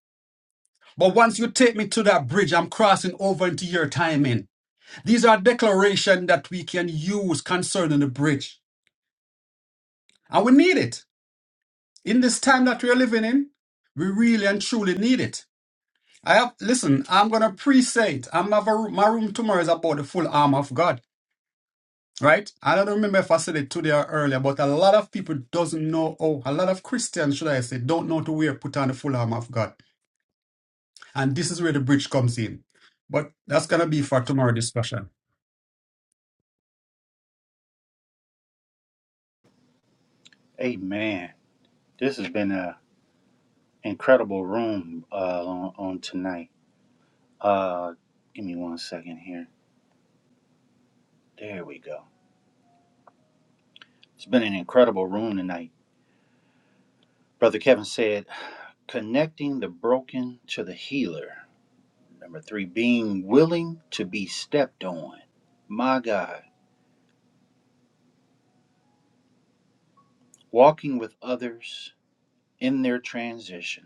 But once you take me to that bridge, I'm crossing over into your timing. These are declarations that we can use concerning the bridge. And we need it. In this time that we are living in, we really and truly need it. I have, listen, I'm going to pre say it. I'm have a, my room tomorrow is about the full armor of God. right? I don't remember if I said it today or earlier, but a lot of people doesn't know, oh, a lot of Christians, should I say, don't know to wear put on the full armor of God. And this is where the bridge comes in. But that's gonna be for tomorrow discussion. Amen. This has been an incredible room uh, on, on tonight. Uh, give me one second here. There we go. It's been an incredible room tonight. Brother Kevin said, connecting the broken to the healer. Number three, being willing to be stepped on. My God, walking with others in their transition,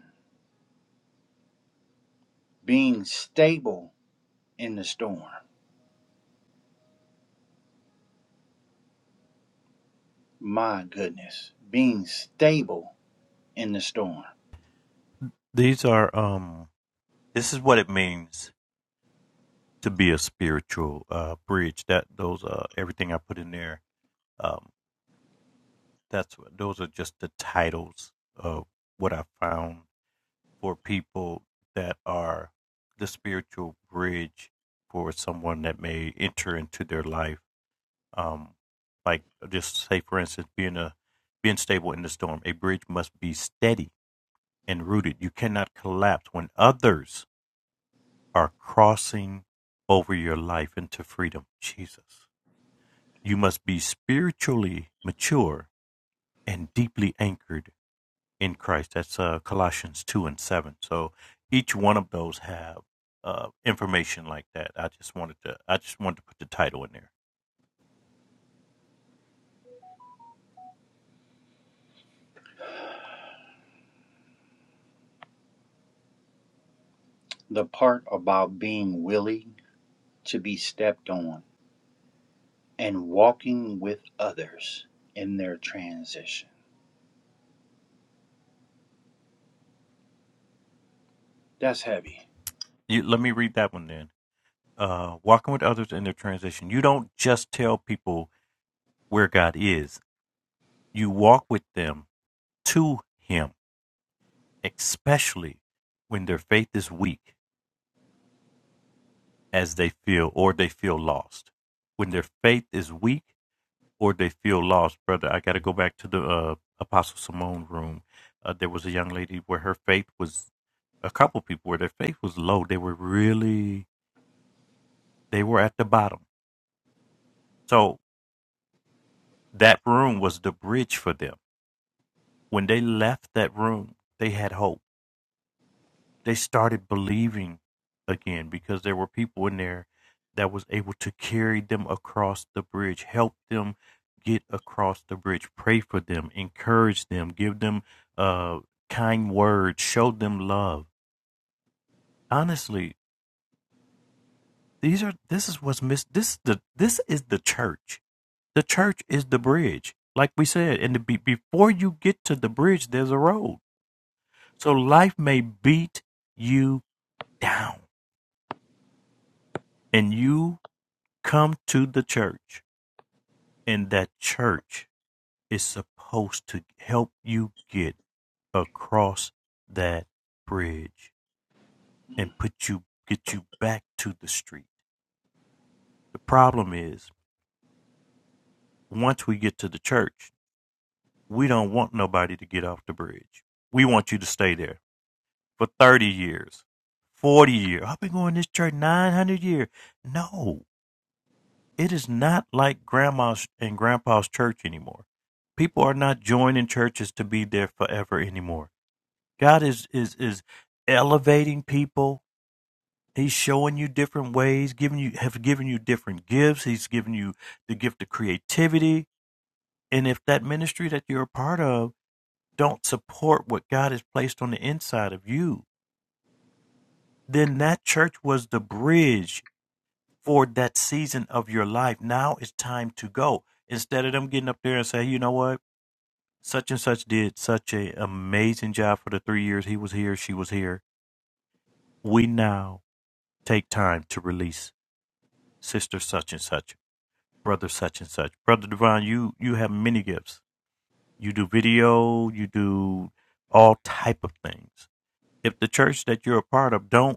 being stable in the storm. My goodness, being stable in the storm. These are um this is what it means to be a spiritual uh bridge. That those uh everything I put in there um. that's what those are just the titles of what I found for people that are the spiritual bridge for someone that may enter into their life. Um, like just say for instance, being a being stable in the storm, a bridge must be steady and rooted. You cannot collapse when others are crossing over your life into freedom. Jesus. You must be spiritually mature and deeply anchored in Christ. That's uh, Colossians 2 and 7. So each one of those have uh, information like that. I just wanted to I just wanted to put the title in there. The part about being willing to be stepped on and walking with others in their transition. That's heavy. You, let me read that one then. Uh, walking with others in their transition. You don't just tell people where God is. You walk with them to Him, especially when their faith is weak, as they feel, or they feel lost. When their faith is weak or they feel lost, brother. I got to go back to the uh, Apostle Simone room. Uh, there was a young lady where her faith was a couple people where their faith was low. They were really they were at the bottom. So that room was the bridge for them. When they left that room, they had hope they started believing again because there were people in there that was able to carry them across the bridge, help them get across the bridge, pray for them, encourage them, give them uh, kind words, show them love. Honestly, these are this is what's miss This is the this is the church. The church is the bridge, like we said. And the, be, before you get to the bridge, there's a road. So life may beat you down, and you come to the church, and that church is supposed to help you get across that bridge and Mm. put you get you back to the street. The problem is, once we get to the church, we don't want nobody to get off the bridge. We want you to stay there for 30 years, 40 years. I've been going to this church 900 years. No, It is not like grandma's and grandpa's church anymore. People are not joining churches to be there forever anymore. God is is is elevating people. He's showing you different ways, giving you have given you different gifts. He's given you the gift of creativity. And if that ministry that you're a part of don't support what God has placed on the inside of you, then that church was the bridge for that season of your life. Now it's time to go. Instead of them getting up there and say, you know what, such and such did such an amazing job for the three years he was here, she was here. We now take time to release sister such and such, brother such and such, brother Devon. You you have many gifts. You do video. You do all type of things. If the church that you're a part of don't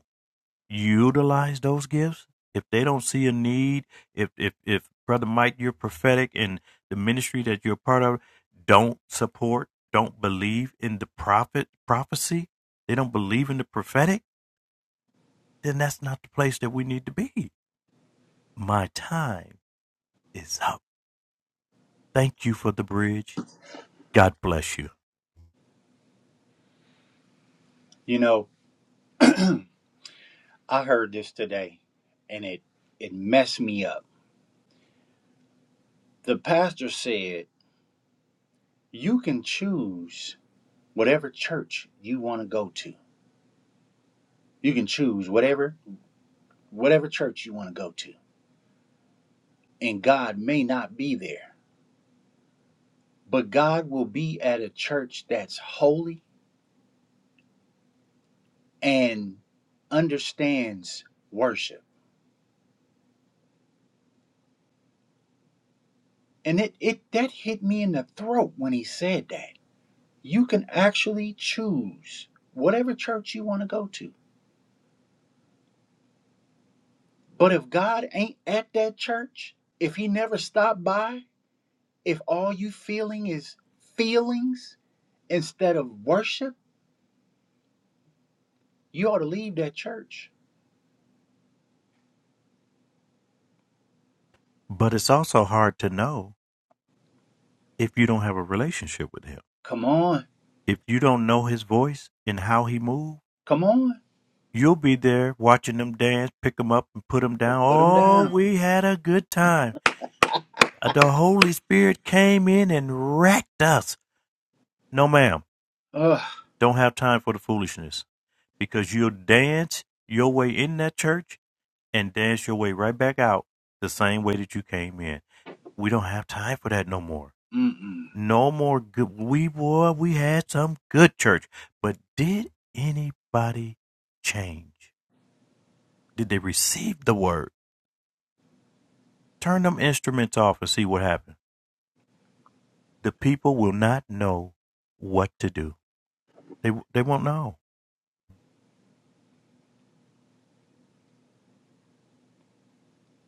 utilize those gifts if they don't see a need if if if brother mike you're prophetic and the ministry that you're part of don't support don't believe in the prophet prophecy they don't believe in the prophetic then that's not the place that we need to be my time is up thank you for the bridge god bless you You know, I heard this today and it it messed me up. The pastor said, "You can choose whatever church you want to go to. You can choose whatever whatever church you want to go to. And God may not be there, but God will be at a church that's holy and understands worship. And it, it that hit me in the throat when he said that. You can actually choose whatever church you want to go to. But if God ain't at that church, if he never stopped by, if all you feeling is feelings instead of worship, you ought to leave that church. but it's also hard to know if you don't have a relationship with him Come on. if you don't know his voice and how he moves Come on. You'll be there watching them dance, pick them up and put them Put, down. put him Oh, down. we had a good time. Uh, The Holy Spirit came in and wrecked us. No, ma'am, Ugh. don't have time for the foolishness because you'll dance your way in that church and dance your way right back out the same way that you came in. We don't have time for that no more. Mm-mm. No more good. We boy, we had some good church, but did anybody change? Did they receive the word? Turn them instruments off and see what happens. The people will not know what to do. They they won't know.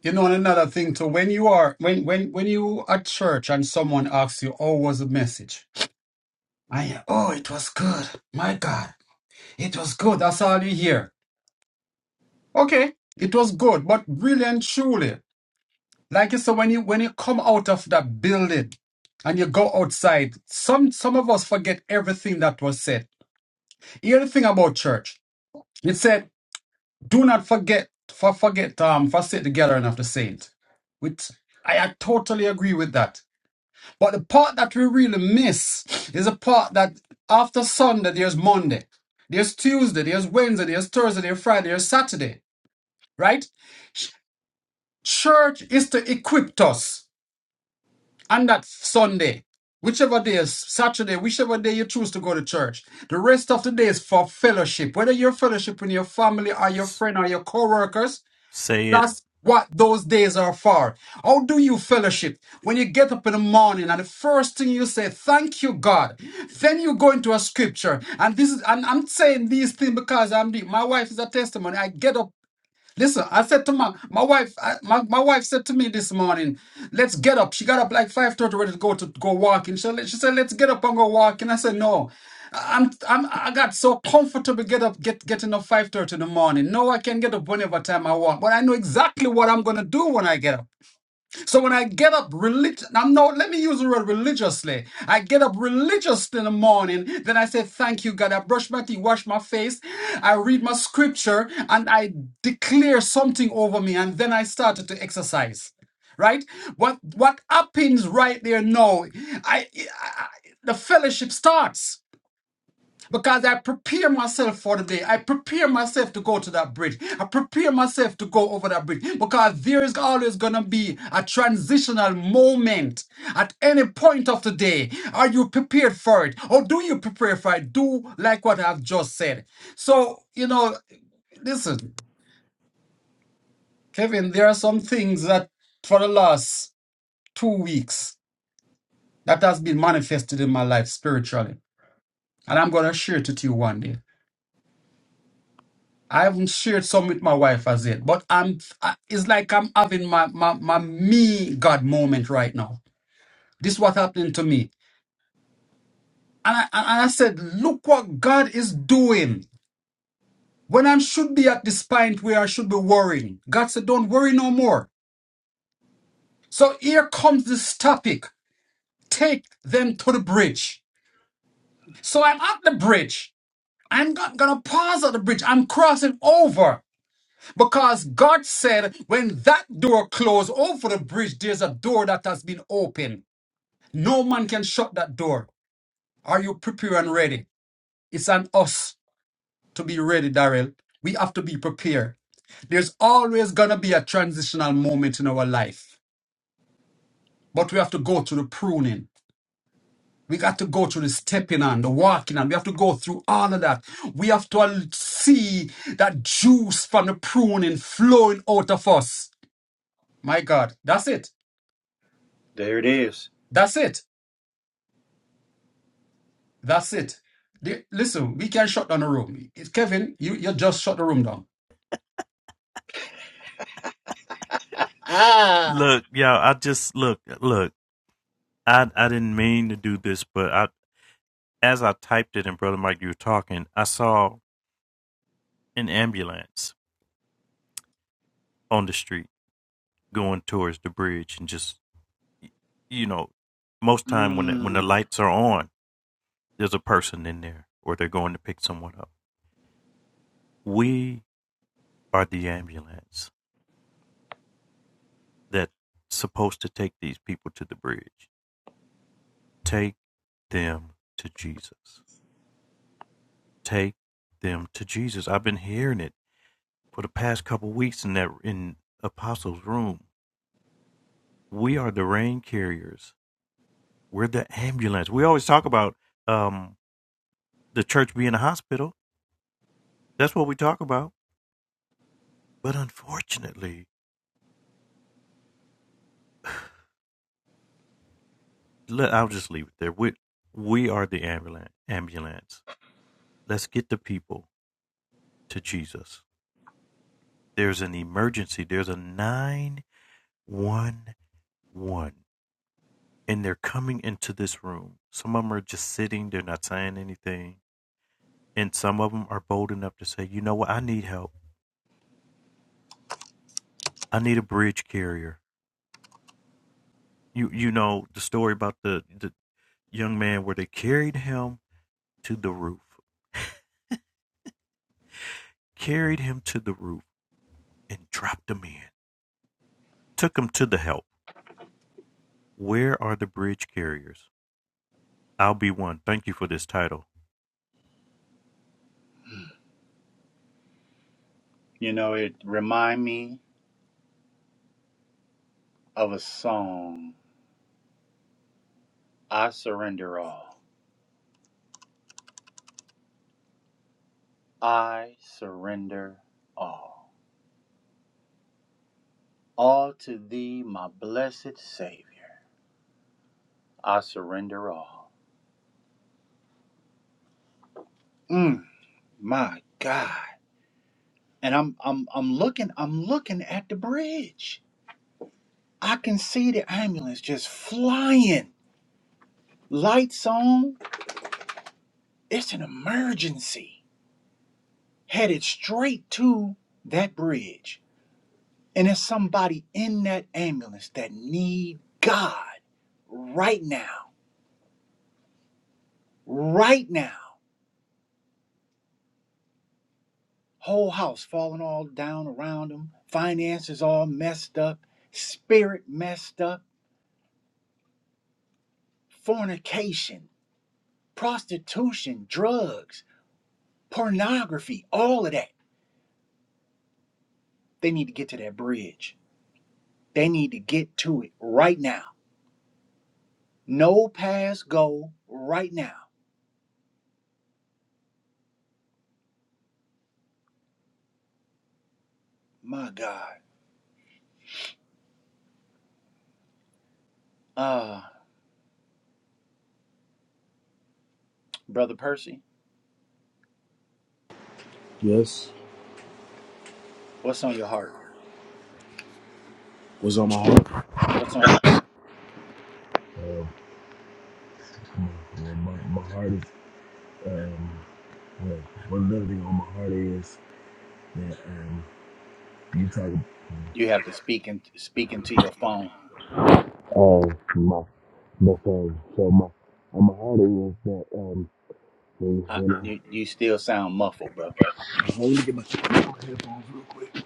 You know, and another thing too, when you are when when when you at church and someone asks you, Oh, what was the message? I oh it was good. My God, it was good. That's all you hear. Okay, it was good, but really and truly. Like you said, when you when you come out of that building and you go outside, some some of us forget everything that was said. Here's the thing about church. It said, do not forget for forget um for sit together and of the saint. Which I, I totally agree with that. But the part that we really miss is the part that after Sunday there's Monday. There's Tuesday, there's Wednesday, there's Thursday, there's Friday, there's Saturday, right? Church is to equip us. on that Sunday, whichever day is Saturday, whichever day you choose to go to church, the rest of the day is for fellowship. Whether you're fellowshiping your family or your S- friend or your co-workers, say it. that's what those days are for. How do you fellowship? When you get up in the morning and the first thing you say, thank you, God. Then you go into a scripture. And this is and I'm saying these things because I'm the, my wife is a testimony. I get up Listen, I said to my my wife, I, my, my wife said to me this morning, let's get up. She got up like 5:30 ready to go to go walking. She, she said, let's get up and go walking. I said, no. I'm I'm I got so comfortable get up get getting up 5:30 in the morning. No, I can get up whenever time I want, but I know exactly what I'm gonna do when I get up. So when I get up religious, I'm no, let me use the word religiously. I get up religiously in the morning, then I say, Thank you, God. I brush my teeth, wash my face, I read my scripture, and I declare something over me, and then I started to exercise. Right? What what happens right there now? I, I I- the fellowship starts because I prepare myself for the day. I prepare myself to go to that bridge. I prepare myself to go over that bridge because there is always going to be a transitional moment at any point of the day. Are you prepared for it? Or do you prepare for it? Do like what I've just said. So, you know, listen, Kevin, there are some things that for the last two weeks that has been manifested in my life spiritually. And I'm going to share it with you one day. I haven't shared some with my wife as yet, but I'm. I- It's like I'm having my my, my me God moment right now. This is what happening to me, and I and and I said, look what God is doing. When I should be at this point where I should be worrying, God said, don't worry no more. So here comes this topic. Take them to the bridge. So I'm at the bridge. I'm not gonna pause at the bridge. I'm crossing over. Because God said, when that door closed over the bridge, there's a door that has been opened. No man can shut that door. Are you prepared and ready? It's on us to be ready, Daryl. We have to be prepared. There's always going to be a transitional moment in our life, but we have to go through the pruning. We got to go through the stepping on, the walking on. We have to go through all of that. We have to al- see that juice from the pruning flowing out of us. My God, that's it. There it is. That's it. That's it. The- listen, we can shut down the room. It's Kevin, you, you just shut the room down. Ah. Look, y'all. I just look look. I I didn't mean to do this, but I as I typed it and Brother Mike, you were talking. I saw an ambulance on the street going towards the bridge, and just you know, most time when the, when the Mm. lights are on, there's a person in there, or they're going to pick someone up. We are the ambulance. that's supposed to take these people to the bridge. Take them to Jesus. Take them to Jesus. I've been hearing it for the past couple weeks in that in Apostles' room. We are the rain carriers. We're the ambulance. We always talk about um, the church being a hospital. That's what we talk about. But unfortunately, let, I'll just leave it there. We we are the ambulance. Ambulance. Let's get the people to Jesus. There's an emergency. There's a nine one one and they're coming into this room some of them are just sitting they're not saying anything and some of them are bold enough to say you know what i need help i need a bridge carrier you you know the story about the the young man where they carried him to the roof carried him to the roof and dropped him in took him to the help where are the bridge carriers i'll be one thank you for this title You know, it remind me of a song. I surrender all. I surrender all. All to thee, my blessed Savior. I surrender all. Mm, my God. And I'm I'm I'm looking I'm looking at the bridge. I can see the ambulance just flying. Lights on. It's an emergency. Headed straight to that bridge. And there's somebody in that ambulance that need God right now, right now. Whole house falling all down around them, finances all messed up, spirit messed up, fornication, prostitution, drugs, pornography, all of that. They need to get to that bridge. They need to get to it right now. No pass go right now. My God. Uh, brother Percy, Yes, what's on your heart? was on my heart. What's on your Yeah, my, my heart is um, well, well, another thing on my heart is um, you talking You have to speak in, speak into your phone. oh my my phone. So my on my heart is that um, when, I, when you, you still sound muffled, bro. I, hold on, let me get my, let me get my headphones real quick.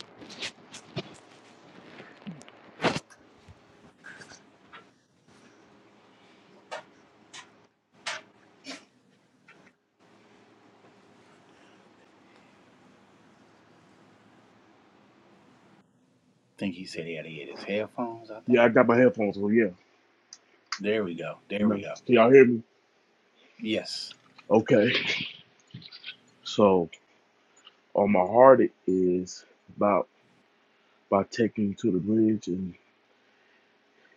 think he said he had to get his headphones out there. Yeah, I got my headphones on. Yeah, There we go. There no, we go. can y'all hear me? Yes. Okay. So on my heart it is about about taking you to the bridge and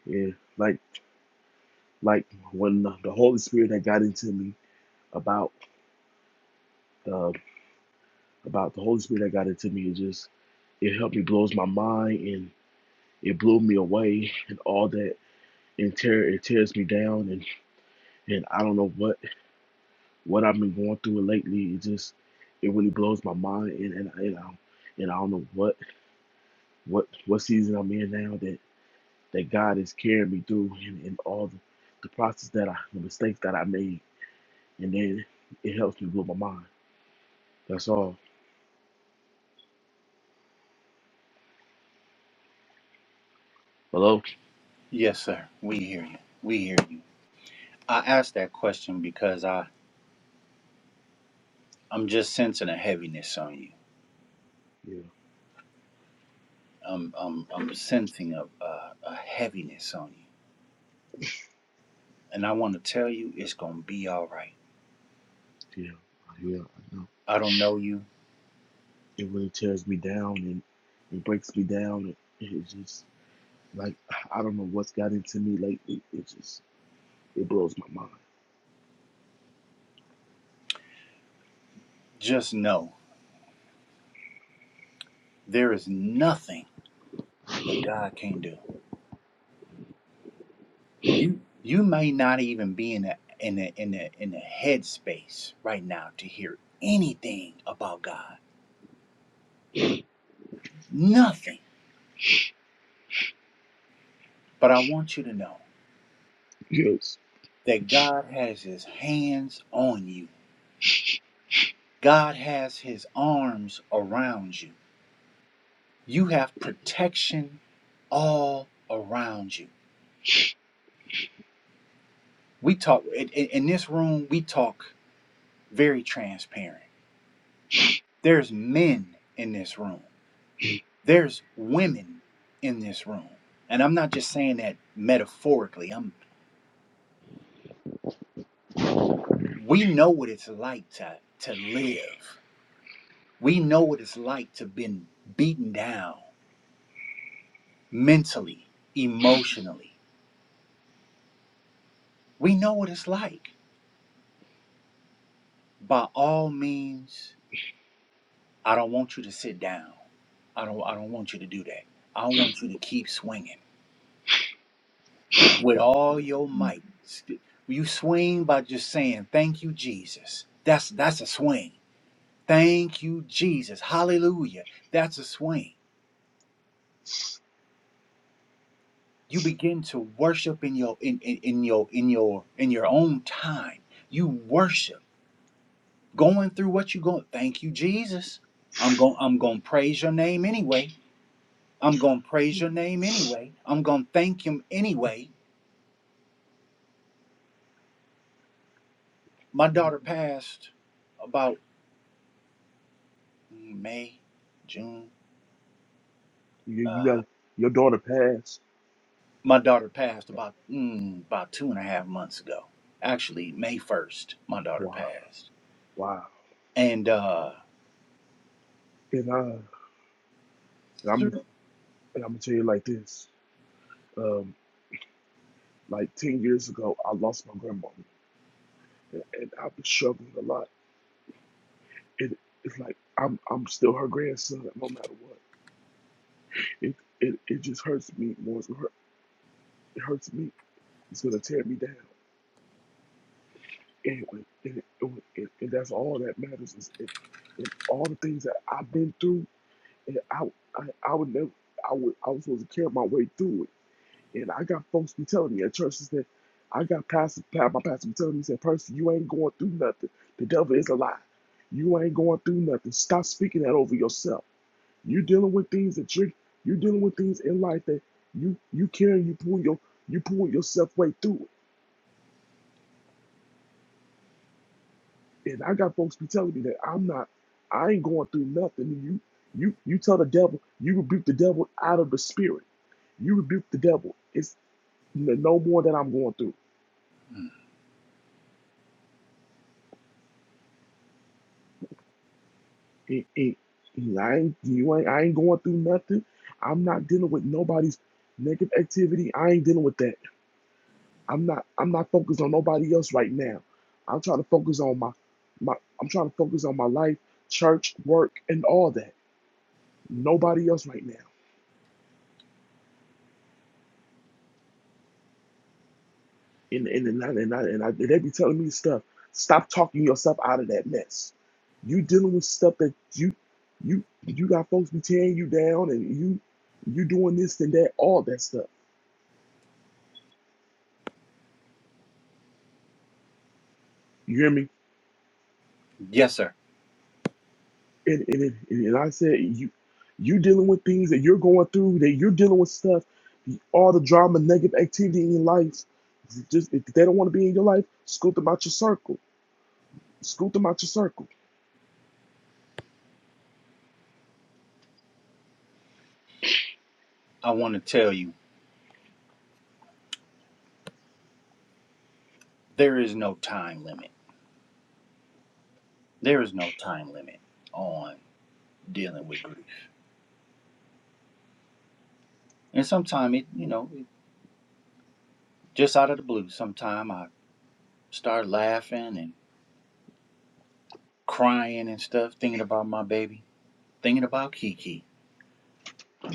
yeah, like like when the Holy Spirit had got into me about. uh, about the Holy Spirit that got into me. It just it helped me blows my mind and it blew me away and all that and tear it tears me down and and I don't know what what I've been going through lately. It just it really blows my mind and and and I, and I don't know what what what season I'm in now that that God is carrying me through and, and all the, the process that I the mistakes that I made and then it helps me blow my mind. That's all. Hello. Yes, sir. We hear you. We hear you. I asked that question because I, I'm just sensing a heaviness on you. Yeah. I'm, I'm, I'm sensing a, a, a heaviness on you. And I want to tell you it's going to be all right. Yeah. Yeah. I know. I don't know you. it really tears me down and it breaks me down. It, it just like I don't know what's got into me lately. It it just it blows my mind. Just know there is nothing that God can't do. you you may not even be in a in a in a in a headspace right now to hear anything about God. Nothing. But I want you to know Yes, that God has his hands on you. God has his arms around you. You have protection all around you. We talk in, in this room, we talk very transparent. There's men in this room. There's women in this room. And I'm not just saying that metaphorically. I'm we know what it's like to to live. We know what it's like to been beaten down mentally, emotionally. We know what it's like. By all means, I don't want you to sit down. I don't I don't want you to do that. I want you to keep swinging with all your might. St- You swing by just saying, "Thank you, Jesus." That's that's a swing Thank you, Jesus. Hallelujah. That's a swing. You begin to worship in your in, in, in your in your in your own time. You worship. Going through what you're going. Thank you, Jesus. I'm going I'm going to praise your name anyway. I'm going to praise your name anyway. I'm going to thank him anyway. My like daughter passed about mm, May, June. you, you Uh, got your daughter passed. my daughter passed about mm, about two and a half months ago. Actually, May 1st, my daughter Wow, passed wow. And uh And I, and I'm, through and I'm gonna tell you like this. Um, like ten years ago, I lost my grandmother, and, and I've been struggling a lot. It, it's like I'm, I'm still her grandson, no matter what. It, it, it just hurts me more. it hurts me. It's gonna tear me down. and, and, and, and that's all that matters is and, and all the things that I've been through and I I, I would never I would I was supposed to carry my way through it and I telling you at church he said I got pastors who telling me he said Percy you ain't going through nothing the devil is a lie you ain't going through nothing stop speaking that over yourself you dealing with things that you you dealing with things in life that you you carry you pull your you pull yourself way through it. And I got folks be telling me that I'm not, I ain't going through nothing. And you, you, you tell the devil, you rebuke the devil out of the spirit. You rebuke the devil. It's n- no more that I'm going through. It, it, I ain't, you ain't, I ain't going through nothing. I'm not dealing with nobody's negative activity. I ain't dealing with that. I'm not, I'm not focused on nobody else right now. I'm trying to focus on my, my, I'm trying to focus on my life, church, work, and all that. Nobody else right now. And and and I, and, I, and, I, and they be telling me stuff. Stop talking yourself out of that mess. You dealing with stuff that you you you got folks be tearing you down, and you you doing this and that, all that stuff. You hear me? yes sir, And and and, and I said you you dealing with things that you're going through, that you're dealing with stuff, all the drama, negative activity in your life. Just if they don't want to be in your life, scoot them out your circle. Scoot them out your circle. I want to tell you there is no time limit. There is no time limit on dealing with grief. And sometimes it, you know, it, just out of the blue, sometimes I start laughing and crying and stuff thinking about my baby, thinking about Kiki.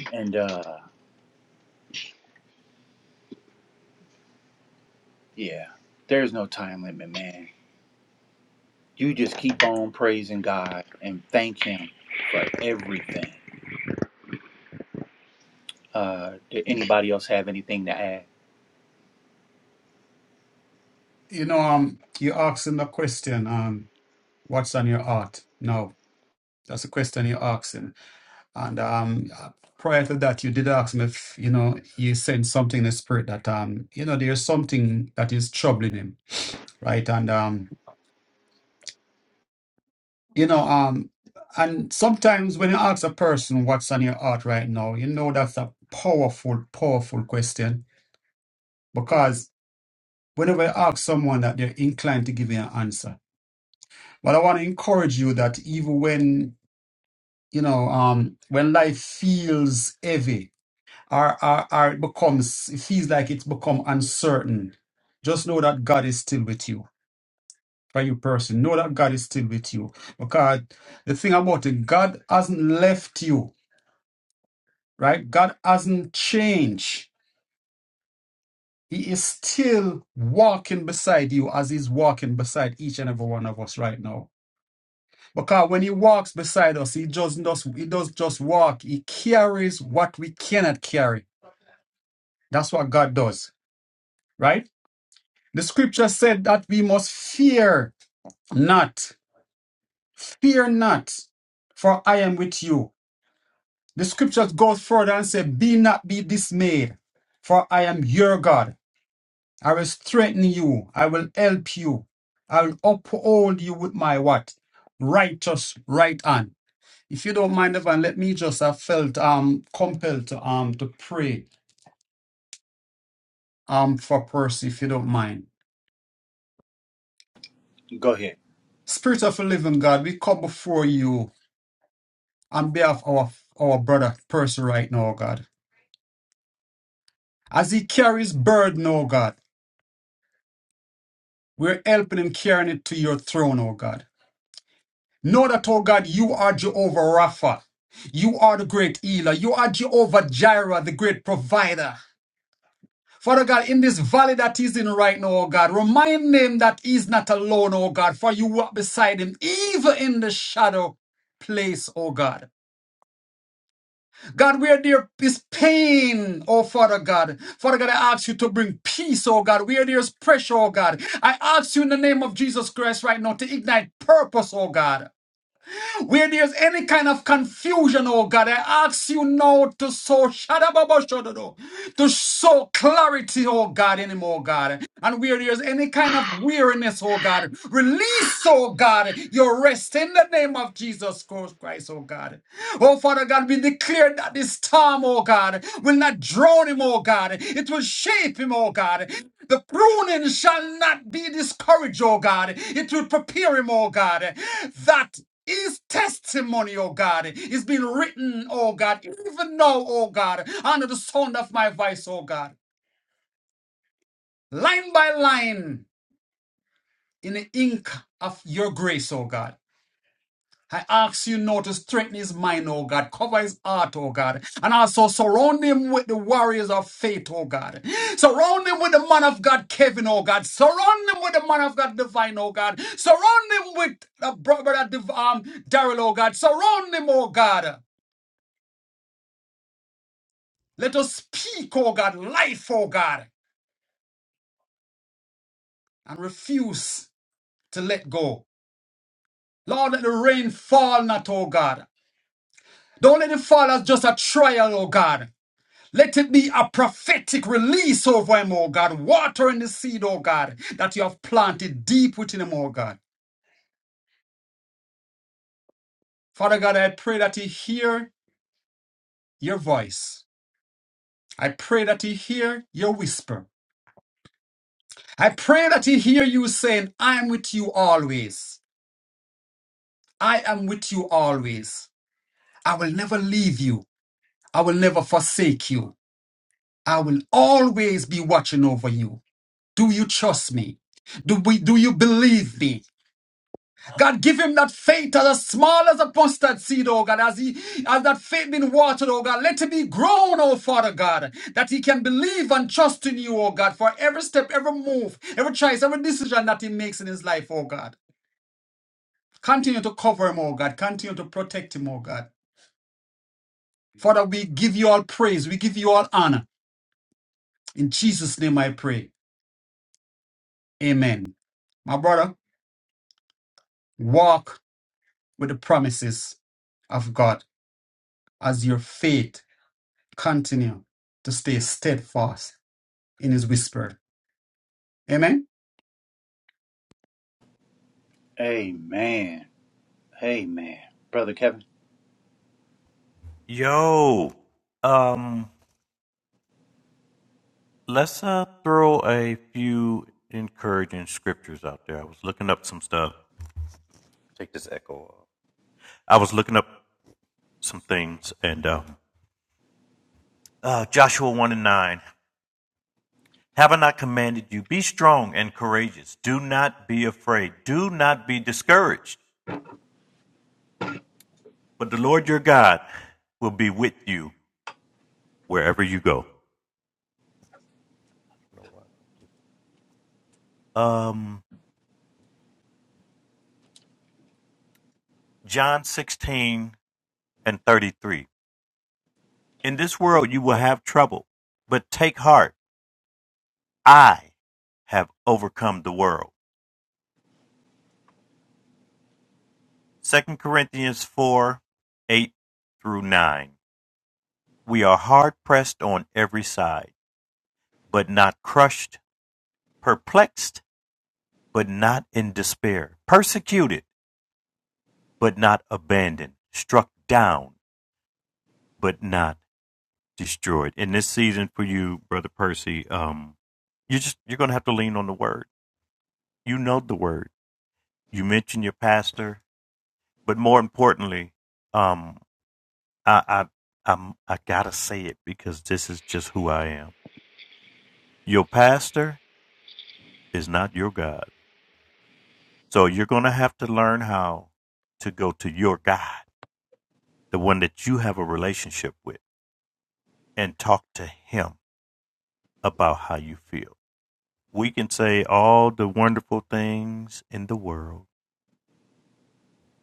And uh yeah, there's no time limit, man. You just keep on praising God and thank him for everything. Uh did anybody else have anything to add? You know, um, you asking the question, um, what's on your heart? No, that's a question you're asking. And um, prior to that, you did ask me if, you know, you sense something in the spirit that, um, you know, there's something that is troubling him, right? And um, You know, um, and sometimes when you ask a person what's on your heart right now, you know that's a powerful, powerful question because whenever you ask someone that they're inclined to give you an answer. But I want to encourage you that even when you know, um, when life feels heavy or, or, or it becomes, it feels like it's become uncertain, just know that God is still with you. For you, person, know that God is still with you because the thing about it, God hasn't left you right? God hasn't changed. He is still walking beside you as he's walking beside each and every one of us right now. Because when he walks beside us, he doesn't just he does not just walk. He carries what we cannot carry. That's what God does, right? The scripture said that we must fear not. Fear not, for I am with you. The scriptures goes further and say, Be not be dismayed, for I am your God. I will strengthen you. I will help you. I will uphold you with my what? Righteous right hand. If you don't mind, Evan, let me just, I felt um compelled to um to pray um for Percy, if you don't mind. Go ahead. Spirit of the living God, we come before you on behalf of our, our brother Percy right now, oh God. As he carries burden, oh God, we're helping him carrying it to your throne, oh God. Know that, oh God, you are Jehovah Rapha. You are the great healer. You are Jehovah Jireh, the great provider. Father God, in this valley that he's in right now, oh God, remind him that he's not alone, oh God, for you walk beside him, even in the shadow place, oh God. God, where there is pain, oh Father God. Father God, I ask you to bring peace, oh God. Where there's pressure, oh God. I ask you in the name of Jesus Christ right now to ignite purpose, oh God. Where there's any kind of confusion, oh God, I ask you now to sow shadababashododo, to sow clarity, oh God, anymore, God. And where there's any kind of weariness, oh God, release, oh God, your rest in the name of Jesus Christ, oh God. Oh Father God, we declare that this storm, oh God, will not drown him, oh God. It will shape him, oh God. The pruning shall not be discouraged, oh God. It will prepare him, oh God, that his testimony, oh God, is being written, oh God, even now, oh God, under the sound of my voice, oh God, line by line in the ink of your grace, oh God. I ask you now to strengthen his mind, oh God, cover his heart, oh God, and also surround him with the warriors of faith, oh God. Surround him with the man of God, Kevin, oh God. Surround him with the man of God, divine, oh God. Surround him with the brother, Div- um, Daryl, oh God. Surround him, oh God. Let us speak, oh God, life, oh God, and refuse to let go. Lord, let the rain fall not, oh God. Don't let it fall as just a trial, oh God. Let it be a prophetic release over him, oh God. Water in the seed, oh God, that you have planted deep within him, oh God. Father God, I pray that he hear your voice. I pray that he hear your whisper. I pray that he hear you saying, I am with you always. I am with you always. I will never leave you. I will never forsake you. I will always be watching over you. Do you trust me? Do, we, do you believe me? God, give him that faith as a small as a mustard seed, oh God, as he as that faith been watered, oh God. Let it be grown, oh Father God, that he can believe and trust in you, oh God, for every step, every move, every choice, every decision that he makes in his life, oh God. Continue to cover him, oh God. Continue to protect him, oh God. Father, we give you all praise. We give you all honor. In Jesus' name I pray. Amen. My brother, walk with the promises of God as your faith continue to stay steadfast in his whisper. Amen. Amen. Amen. Brother Kevin, yo um Let's uh, throw a few encouraging scriptures out there. I was looking up some stuff. Take this echo off. I was looking up some things, and uh, uh, Joshua 1 and 9. Have I not commanded you? Be strong and courageous. Do not be afraid. Do not be discouraged. But the Lord your God will be with you wherever you go. Um, John 16 and 33. In this world you will have trouble, but take heart. I have overcome the world. Second Corinthians 4 8 through 9. We are hard pressed on every side, but not crushed, perplexed, but not in despair, persecuted, but not abandoned, struck down, but not destroyed. In this season for you, Brother Percy, um, you just you're gonna have to lean on the word. You know the word. You mentioned your pastor, but more importantly, um. I, I I'm I gotta say it because this is just who I am. Your pastor is not your God. So you're gonna have to learn how to go to your God, the one that you have a relationship with, and talk to him about how you feel. We can say all the wonderful things in the world,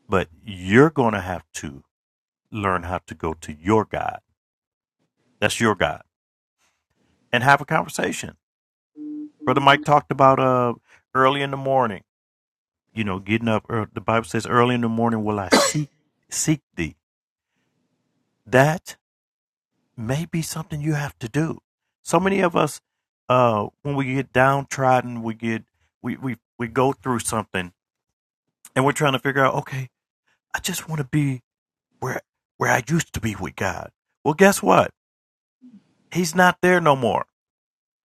but you're gonna have to learn how to go to your God. That's your God. And have a conversation. Brother Mike talked about uh early in the morning you know, getting up early. The Bible says, early in the morning will I seek, seek thee. That may be something you have to do. So many of us, uh, when we get downtrodden, we get, we, we, we go through something and we're trying to figure out, okay, I just want to be where, where I used to be with God. Well, guess what? He's not there no more.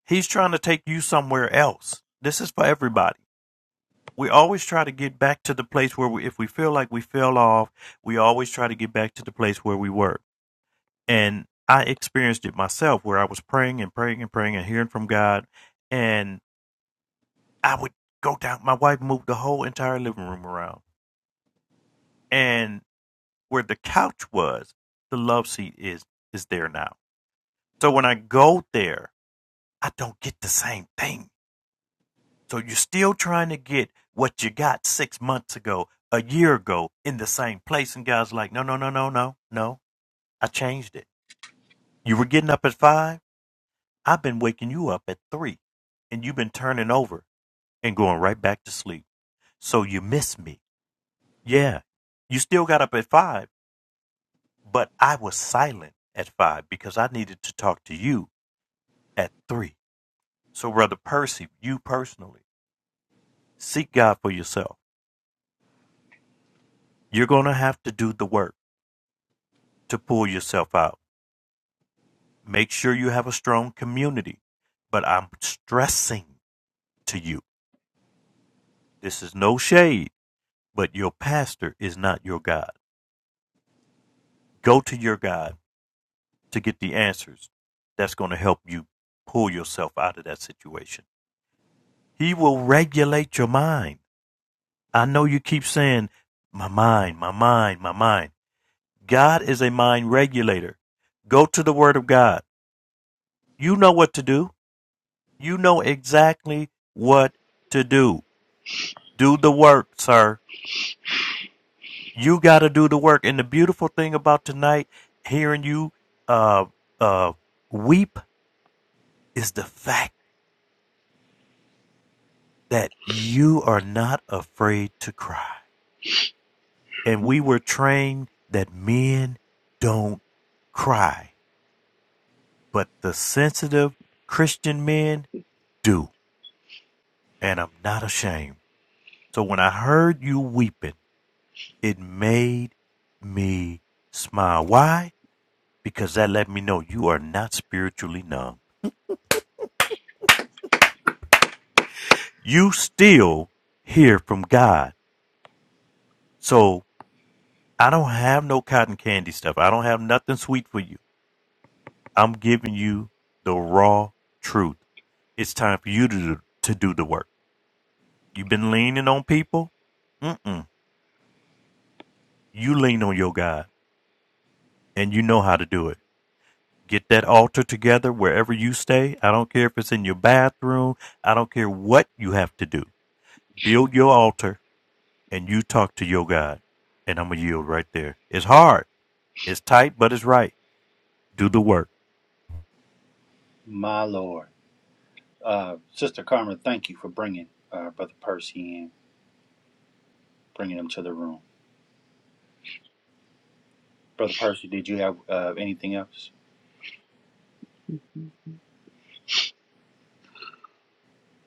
He's trying to take you somewhere else. This is for everybody we always try to get back to the place where we, if we feel like we fell off, we always try to get back to the place where we were. And I experienced it myself where I was praying and praying and praying and hearing from God. And I would go down, my wife moved the whole entire living room around. And where the couch was, the love seat is is there now. So when I go there, I don't get the same thing. So you're still trying to get what you got six months ago, a year ago, in the same place. And God's like, no, no, no, no, no, no. I changed it. You were getting up at five. I've been waking you up at three. And you've been turning over and going right back to sleep. So you miss me. Yeah. You still got up at five, but I was silent at five because I needed to talk to you at three. So, Brother Percy, you personally, seek God for yourself. You're going to have to do the work. to pull yourself out. Make sure you have a strong community. But I'm stressing to you this is no shade, but your pastor is not your God. Go to your God to get the answers. That's going to help you pull yourself out of that situation. He will regulate your mind. I know you keep saying, my mind, my mind, my mind. God is a mind regulator. Go to the Word of God. You know what to do. You know exactly what to do. Do the work, sir. You got to do the work. And the beautiful thing about tonight, hearing you uh, uh, weep, is the fact that you are not afraid to cry. And we were trained that men don't cry, but the sensitive Christian men do. And I'm not ashamed. So when I heard you weeping, it made me smile. Why? Because that let me know you are not spiritually numb. you still hear from God. So I don't have no cotton candy stuff. I don't have nothing sweet for you. I'm giving you the raw truth. It's time for you to do, to do the work. You've been leaning on people. Mm-mm. You lean on your God and you know how to do it. Get that altar together wherever you stay. I don't care if it's in your bathroom. I don't care what you have to do. Build your altar and you talk to your God. And I'm going to yield right there. It's hard. It's tight, but it's right. Do the work. my Lord. Uh, Sister Karma, thank you for bringing uh, Brother Percy in, bringing him to the room. Brother Percy, did you have uh, anything else?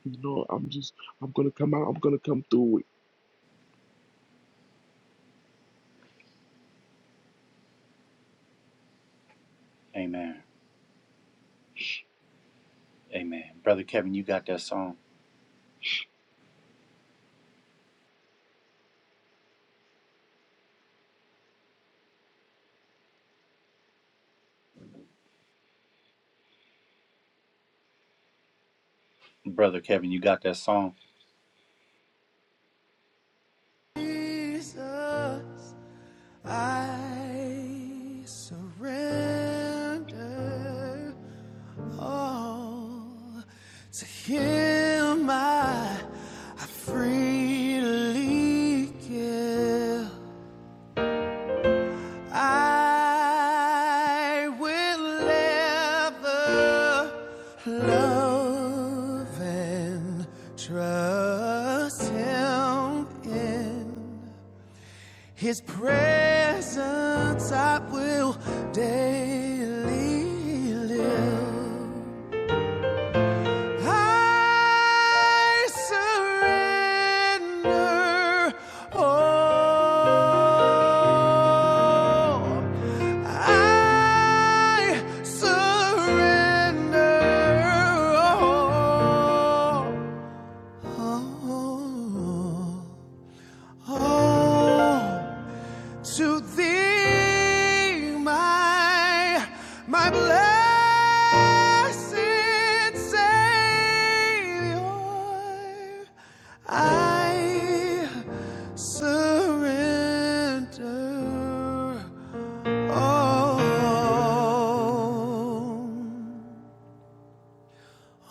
You know, I'm just I'm gonna come out. I'm gonna come through. Amen. Amen. Brother Kevin, you got that song. Brother Kevin, you got that song. Jesus, I surrender all to Him. I, I freely give. I will ever love and trust Him in. His presence I will daily live. I surrender all. I surrender all. all. To thee, my, my blessed Savior, I surrender all.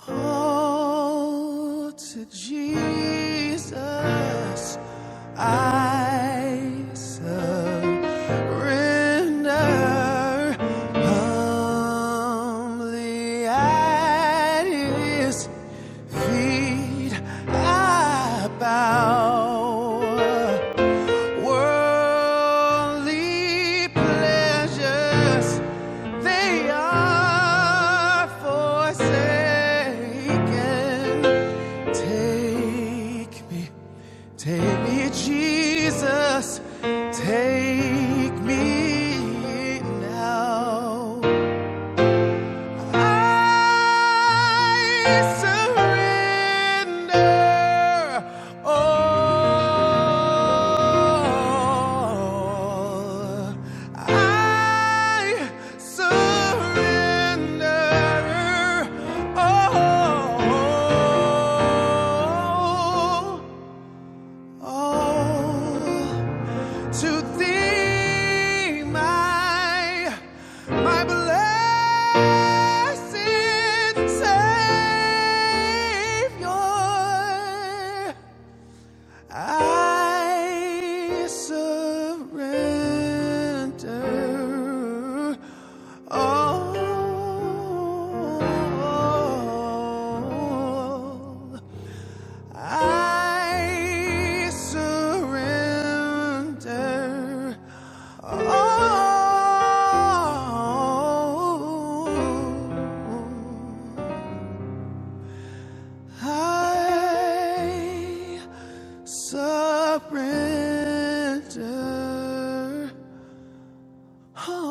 Oh, to Jesus I surrender humbly at His feet I bow. Worldly pleasures, they are forsaken. Take me, take me, Jesus, take me now. I surrender all. I surrender all. All to thee, my, my blessed Savior. I surrender all. I surrender all. I surrender all.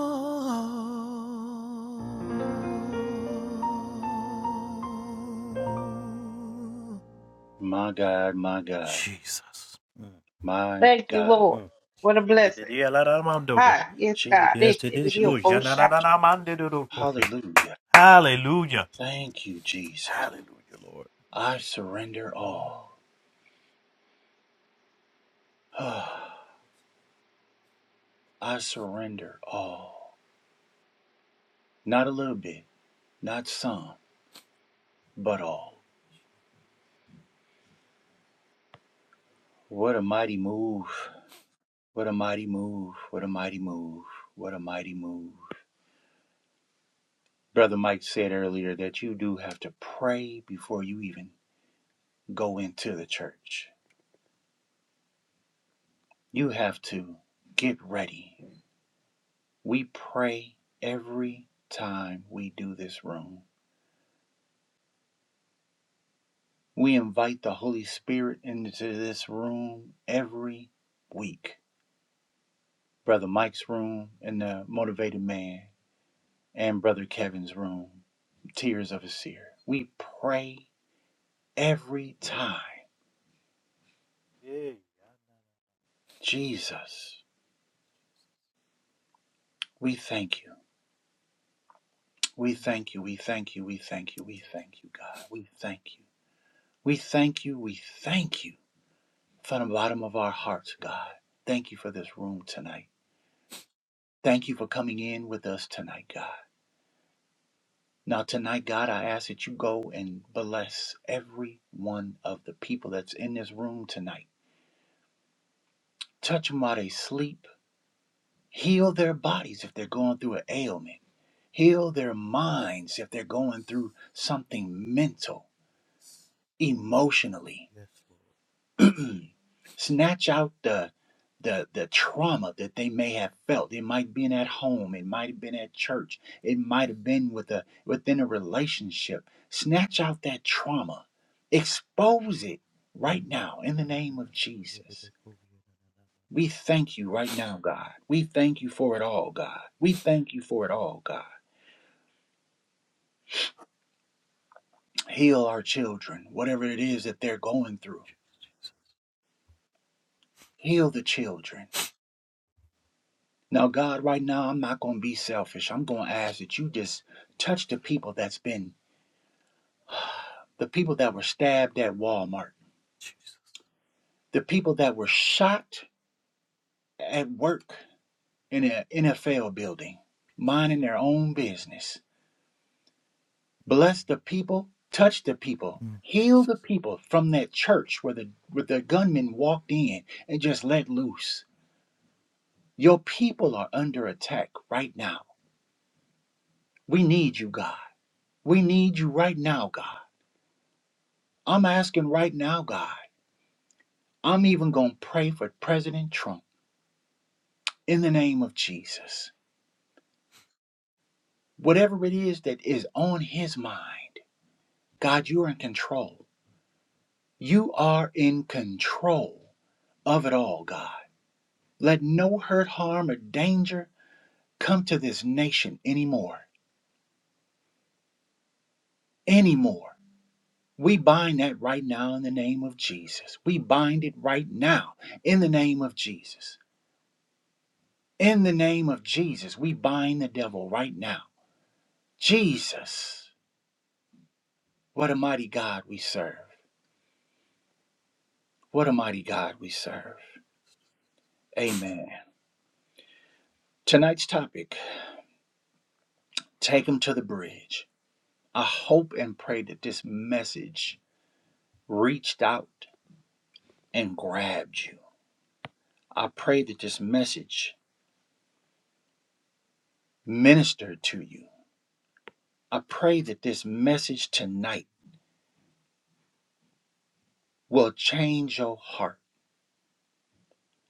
My God, my God, Jesus. Mm, my Thank you, God. Lord. mm. What a blessing. Tididiyalaramamdodo. Hi, yes, Je- God. <laughs> Yes, This is your tididikush. full Jesus. shot. Yanananamandidodokoshi. Hallelujah. Hallelujah. Thank you, Jesus. Hallelujah, Lord. I surrender Mm, all. <sighs> I Yes, surrender all. Not a little bit, not some, but all. Lord. Yes, What a mighty move. What a mighty move. What a mighty move. What a mighty move. Brother Mike said earlier that you do have to pray before you even go into the church. You have to get ready. We pray every time we do this room. We invite the Holy Spirit into this room every week. Brother Mike's room and the motivated man. and Brother Kevin's room, tears of a seer. We pray every time. Lord. Yeah, yanana- Jesus, we thank you. We Mm, thank you. We thank you. We thank you. We Yes, thank you, God. We thank you. We thank you. We thank you from the bottom of our hearts, God. Thank you for this room tonight. Thank you for coming in with us tonight, God. Now, tonight, God, I ask that you go and bless every one of the people that's in this room tonight. Touch them while they sleep Heal their bodies if they're going through an ailment. Heal their minds if they're going through yes, something mental, emotionally. yes, yes, Lord. Snatch out the the the trauma that they may have felt. It might have been at home, it might have been at church, it might have been with a within a relationship. Snatch out that trauma. Expose it right now in the name of Jesus. We thank you right now, God. We thank you for it all, God. We thank you for it all, God. Heal our children, whatever it is that they're going through. Heal the children. Now, God, right now, I'm not going to be selfish. I'm going to ask that you just touch the people that's been, the people that were stabbed at Walmart, the people that were shot at work in an NFL building, minding their own business. Bless the people, touch the people, Mm, heal Jesus. the people from that church where the, where the gunman walked in and just let loose. Your people are under attack right now. We need you, God. We need you right now, God. I'm asking right now, God. I'm even going to pray for President Trump in the name of Jesus. Whatever it is that is on his mind, God, you're in control. You are in control of it all, God. Let no hurt, harm, or danger come to this nation anymore. Anymore. We bind that right now in the name of Jesus. We bind it right now in the name of Jesus. In the name of Jesus, we bind the devil right now. Jesus, what a mighty God we serve. What a mighty God we serve. Amen. Tonight's topic Take Him to the Bridge. I hope and pray that this message reached out and grabbed you. I pray that this message ministered to you. I pray that this message tonight will change your heart.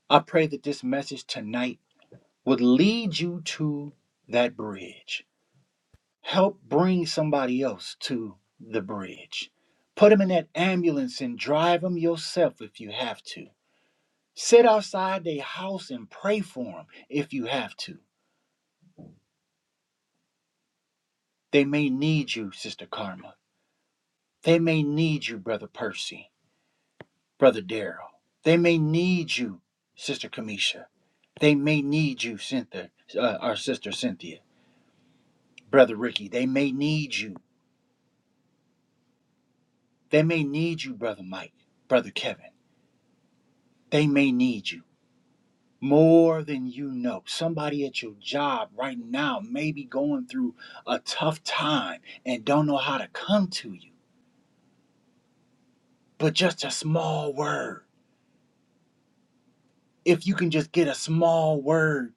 I pray that this message tonight would lead you to that bridge help bring somebody else to the bridge. Put them in that ambulance and drive them yourself if you have to. Sit outside their house and pray for them if you have to. They may need you, Sister Karma. They may need you, Brother Percy, Brother Daryl. They may need you, Sister Kamisha. They may need you, Cynthia, uh, our sister Cynthia, Brother Ricky. They may need you. They may need you, Brother Mike, Brother Kevin. They may need you. more than you know. Somebody at your job right now may be going through a tough time and don't know how to come to you. But just a small word. If you can just get a small word,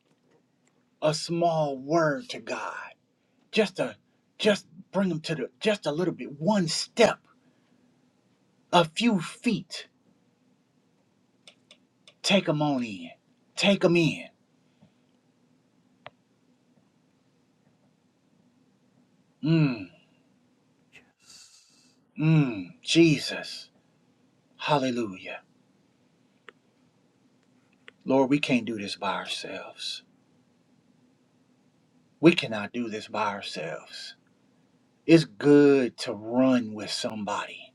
a small word to God. Just a just bring them to the just a little bit, one step, a few feet. Take them on in. Take them in. Mm, Yes. mm, Jesus. Hallelujah. Lord, we can't do this by ourselves. we cannot do this by ourselves. It's good to run with somebody.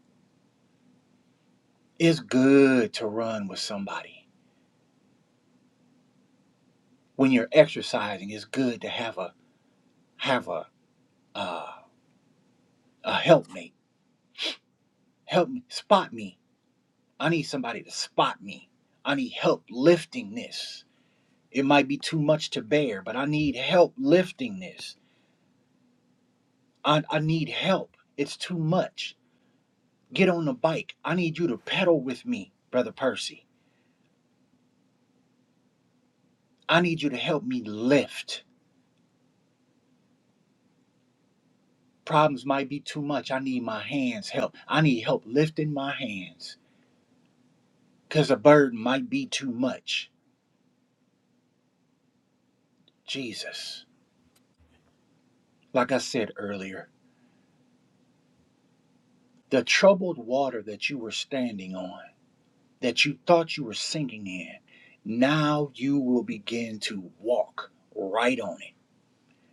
It's good to run with somebody. When you're exercising, it's good to have a have a uh, a helpmate. Help me spot me. I need somebody to spot me. I need help lifting this. It might be too much to bear, but I need help lifting this. I, I need help. It's too much. Get on the bike. I need you to pedal with me, brother Percy. I need you to help me lift. Problems might be too much. I need my hands help. I need help lifting my hands because a burden might be too much. Jesus, like I said earlier, the troubled water that you were standing on, that you thought you were sinking in, now you will begin to walk right on it.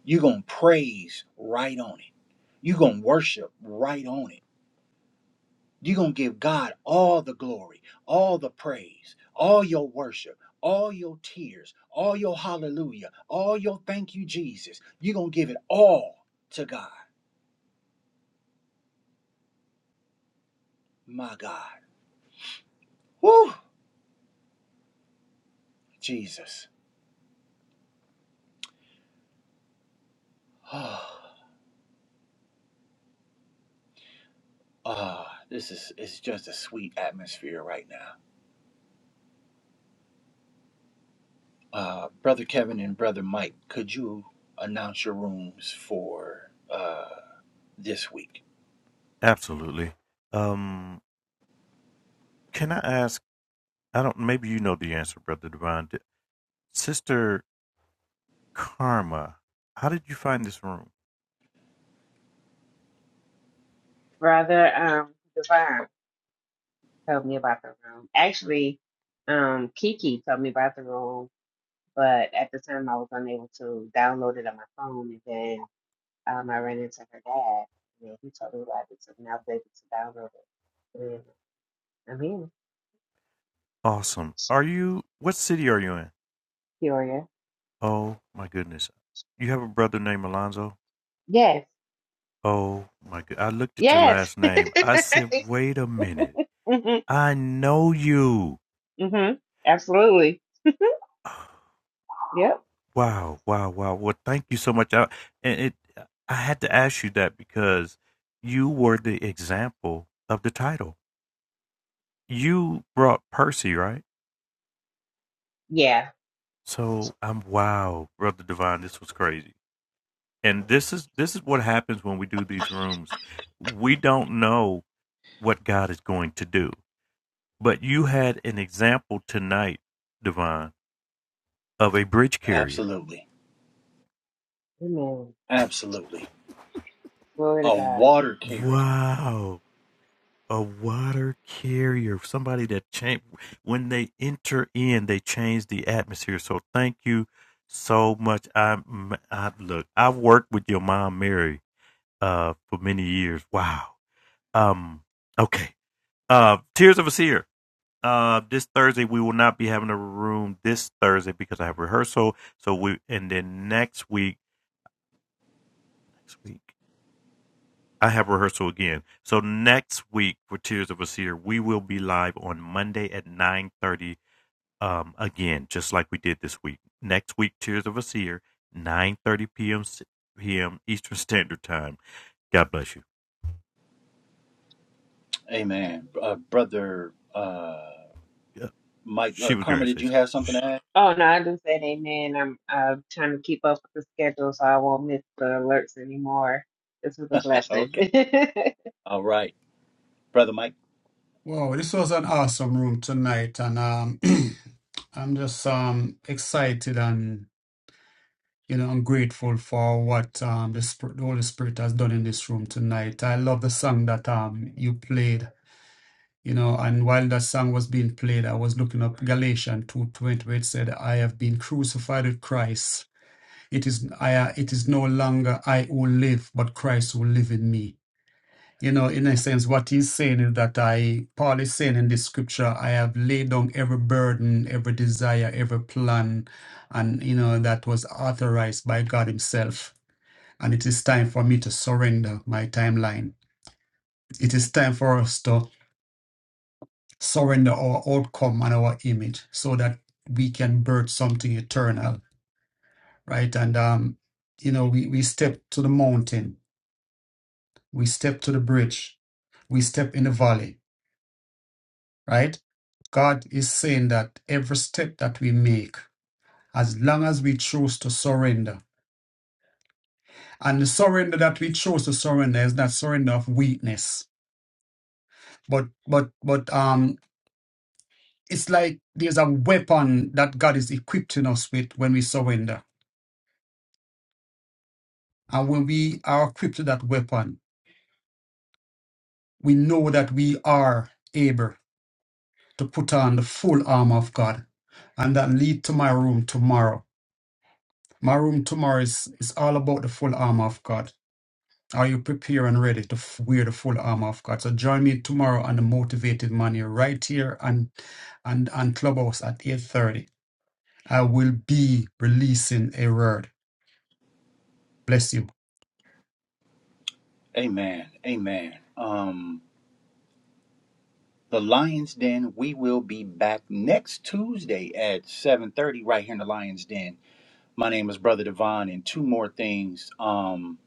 You're going to praise right on it. You're going to worship right on it You're going to give God all the glory, all the praise, all your worship, all your tears, all your hallelujah, all your thank you, Jesus. You're going to give it all to God, my God. Woo, Jesus. Ah, ah, this is it's just a sweet atmosphere right now. Uh, Brother Kevin and Brother Mike, could you announce your rooms for uh, this week? Absolutely. Um, can I ask? I don't. Maybe you know the answer, Brother Divine. Sister Karma, how did you find this room? Brother um, Divine. told me about the room. Actually, um, Kiki told me about the room, but at the time I was unable to download it on my phone. And then um, I ran into her dad, and then he told me about it, and I was able to download it. And I'm in Awesome. Are you? What city are you in? Peoria. Oh my goodness. You have a brother named Alonzo? Yes, Oh my good. I looked at your yes. last <laughs> name. I said, wait a minute. hmm I know you. hmm Absolutely. <sighs> Yep. Wow, wow, wow. Well, thank you so much. I, and it, I had to ask you that because you were the example of the title. You brought Percy, right? Yeah. So I'm wow, brother Divine. This was crazy. And this is this is what happens when we do these rooms. We don't know what God is going to do But you had an example tonight, Devon, of a bridge carrier. Absolutely. Amen. Absolutely. Glory to A God. water carrier. Wow. A water carrier, somebody that change when they enter in, they change the atmosphere. So thank you so much. I I look, I've worked with your mom, Mary, uh, for many years. Wow. Um. Okay. Uh, Tears of a Seer. Uh, this Thursday we will not be having a room this Thursday because I have rehearsal. So we and then next week, next week. I have rehearsal again. So next week for Tears of a Seer, we will be live on Monday at 9.30 um, again, just like we did this week. Next week, Tears of a Seer, 9.30 p.m. p.m. Eastern Standard Time. God bless you. Amen. Uh, Brother uh, Yeah, Mike, She uh, was going Karma, to did say you so. have something to add? <laughs> Oh no, I just said amen. I'm uh, trying to keep up with the schedule so I won't miss the alerts anymore. This was a blessing. Okay. All right. Brother Mike. Wow, this was an awesome room tonight and um <clears throat> I'm just um excited and you know I'm grateful for what um the, Spirit, the Holy Spirit has done in this room tonight. I love the song that um you played you know and while that song was being played i was looking up galatians 2.20 where it said i have been crucified with christ it is i it is no longer i who live but christ who live in me you know in a sense what he's saying is that i paul is saying in this scripture i have laid down every burden every desire every plan and you know that was authorized by god himself and it is time for me to surrender my timeline it is time for us to surrender our outcome and our image so that we can birth something eternal, right? And, um, you know, we, we step to the mountain, we step to the bridge, we step in the valley, right? God is saying that every step that we make, as long as we choose to surrender, and the surrender that we choose to surrender is not surrender of weakness, but but but um, it's like there's a weapon that God is equipping us with when we surrender And when we are equipped with that weapon, we know that we are able to put on the full armor of God. And that lead to my room tomorrow. My room tomorrow is, is all about the full armor of God. Are you prepared and ready to f- wear the full armor of God? So join me tomorrow on the Motivated Money right here on, on, on Clubhouse at 8.30. I will be releasing a word. Bless you. Amen. Amen. Um, the Lions Den, we will be back next Tuesday at 7.30 right here in the Lions Den. My name is Brother Devon. And two more things. Um,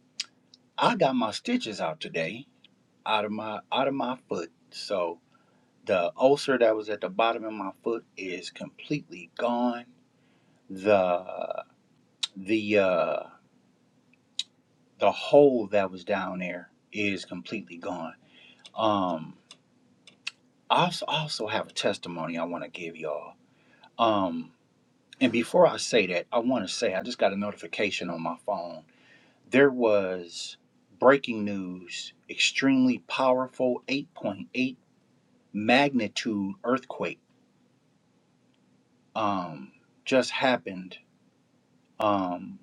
I got my stitches out today out of my out of my foot. So the ulcer that was at the bottom of my foot is completely gone. The the uh the hole that was down there is completely gone. Um, I also, also have a testimony I want to give y'all. Um, and before I say that, I want to say I just got a notification on my phone. There was breaking news, extremely powerful 8.8 magnitude earthquake um, just happened Um,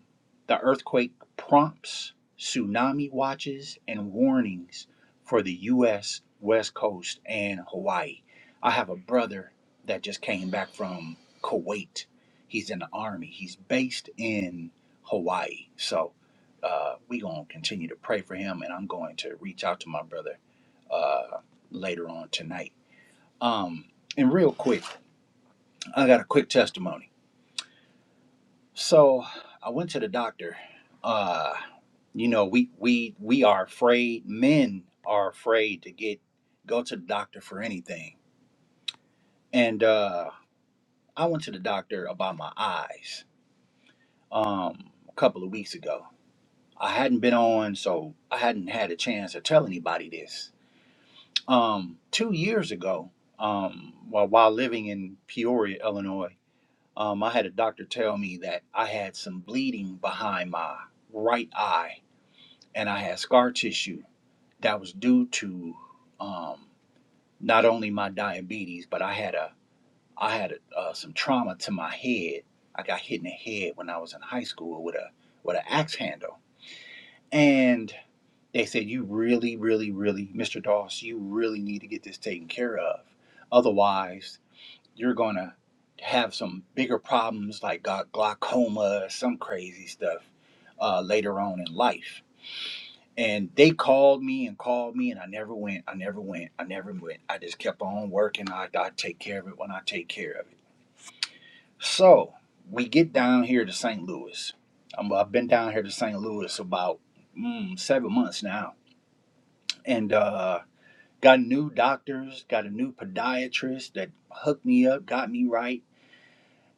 the earthquake prompts tsunami watches and warnings for the U.S. West Coast and Hawaii. I have a brother that just came back from Kuwait. He's in the army. He's based in Hawaii. So uh, we gonna continue to pray for him, and I'm going to reach out to my brother uh, later on tonight. Um, and real quick, I got a quick testimony so I went to the doctor. Uh, you know, we we we are afraid. Men are afraid to get go to the doctor for anything. And uh, I went to the doctor about my eyes um, a couple of weeks ago. I hadn't been on, so I hadn't had a chance to tell anybody this. Um, two years ago, um, while while living in Peoria, Illinois, um, I had a doctor tell me that I had some bleeding behind my right eye and I had scar tissue that was due to um, not only my diabetes, but I had a I had a, uh, some trauma to my head. I got hit in the head when I was in high school with a with an axe handle, and they said you really, really, really, Mr. Doss, you really need to get this taken care of. Otherwise, you're gonna have some bigger problems like glau- glaucoma, some crazy stuff uh, later on in life And they called me and called me, and I never went. I never went. I never went. I just kept on working. I, I take care of it when I take care of it. So we get down here to St. Louis. I'm, I've been down here to St. Louis about mm, seven months now, and uh, got new doctors, got a new podiatrist that hooked me up, got me right.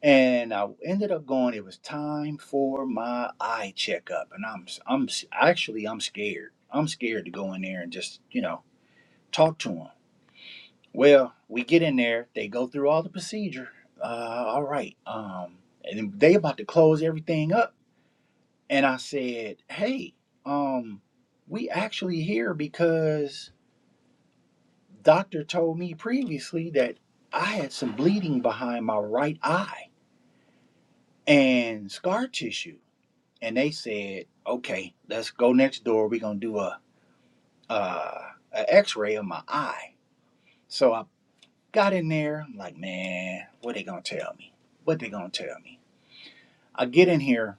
And I ended up going. It was time for my eye checkup, and I'm I'm actually I'm scared. I'm scared to go in there and just you know talk to them. Well, we get in there, they go through all the procedure. Uh, all right. Um, and they about to close everything up. And I said, hey, um, we actually here because doctor told me previously that I had some bleeding behind my right eye and scar tissue. And they said, okay, let's go next door. We're gonna do a uh, a X-ray of my eye. So I. Got in there, I'm like, man, what they gonna tell me? What they gonna tell me? I get in here,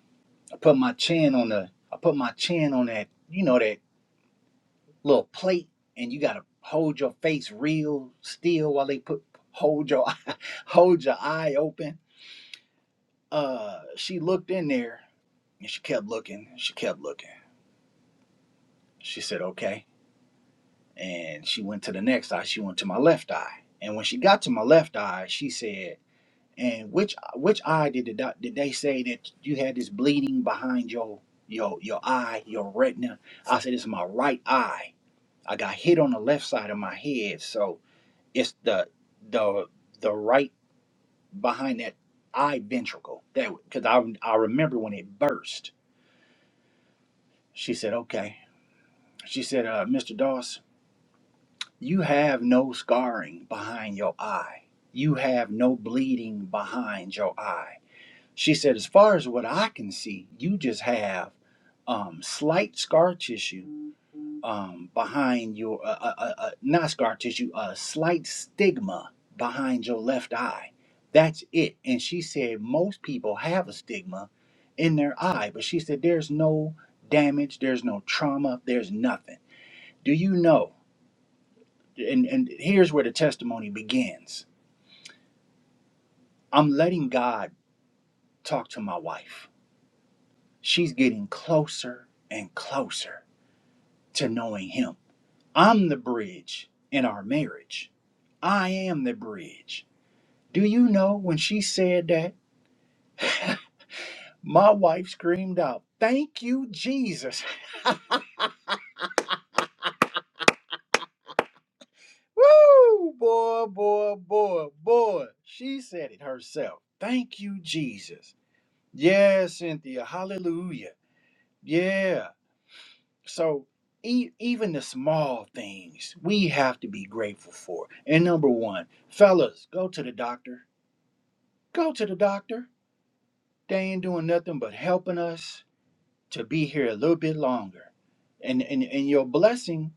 I put my chin on the, I put my chin on that, you know, that little plate, and you gotta hold your face real still while they put hold your <laughs> eye, hold your eye open. Uh, she looked in there, and she kept looking. She kept looking. She said, okay. And she went to the next eye. She went to my left eye. And when she got to my left eye, she said, And which which eye did the doc, did they say that you had this bleeding behind your your your eye, your retina? I said it's my right eye. I got hit on the left side of my head, so it's the the the right behind that eye ventricle. That because I I remember when it burst. She said, "Okay." She said, uh, "Mr. Doss, you have no scarring behind your eye. You have no bleeding behind your eye." She said, as far as what I can see, you just have um, slight scar tissue um, behind your, uh, uh, uh, uh, not scar tissue, a uh, slight stigma behind your left eye. That's it. And she said, most people have a stigma in their eye, but she said, there's no damage, there's no trauma, there's nothing. Do you know? And, and here's where the testimony begins I'm letting God talk to my wife. She's getting closer and closer to knowing Him. I'm the bridge in our marriage. I am the bridge. Do you know when she said that? My wife screamed out, Thank you, Jesus. <laughs> Woo! Boy, boy, boy, boy. She said it herself. Thank you, Jesus. Yeah, Cynthia. Hallelujah. Yeah. So, e- even the small things we have to be grateful for. And number one, fellas, go to the doctor. Go to the doctor They ain't doing nothing but helping us to be here a little bit longer. And and, and your blessing,